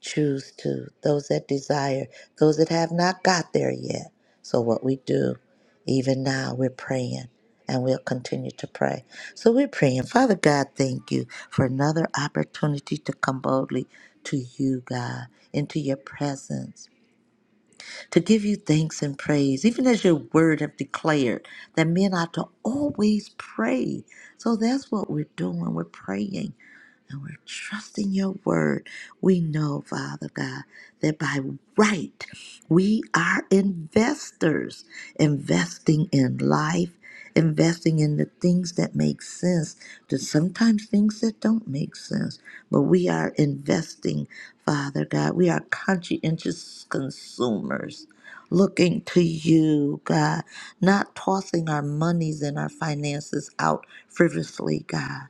choose to, those that desire, those that have not got there yet. So, what we do, even now, we're praying and we'll continue to pray. So, we're praying, Father God, thank you for another opportunity to come boldly to you, God, into your presence, to give you thanks and praise, even as your word have declared that men ought to always pray. So, that's what we're doing. We're praying. And we're trusting your word. We know, Father God, that by right we are investors, investing in life, investing in the things that make sense, to sometimes things that don't make sense. But we are investing, Father God. We are conscientious consumers. Looking to you, God, not tossing our monies and our finances out frivolously, God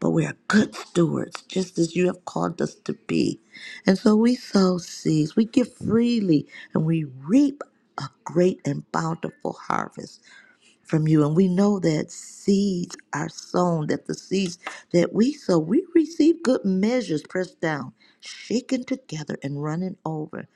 but we are good stewards, just as you have called us to be. And so we sow seeds, we give freely, and we reap a great and bountiful harvest from you. And we know that seeds are sown, that the seeds that we sow, we receive good measures pressed down, shaken together, and running over.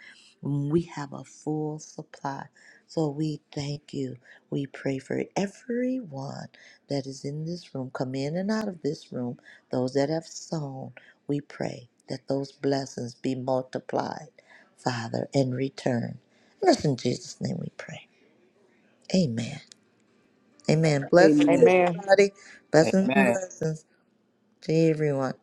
We have a full supply. So we thank you. We pray for everyone that is in this room, come in and out of this room, those that have sown. We pray that those blessings be multiplied, Father, in return. And it's in Jesus' name we pray. Amen. Amen. Blessings, Amen. Amen. everybody. Blessings and Amen. blessings to everyone.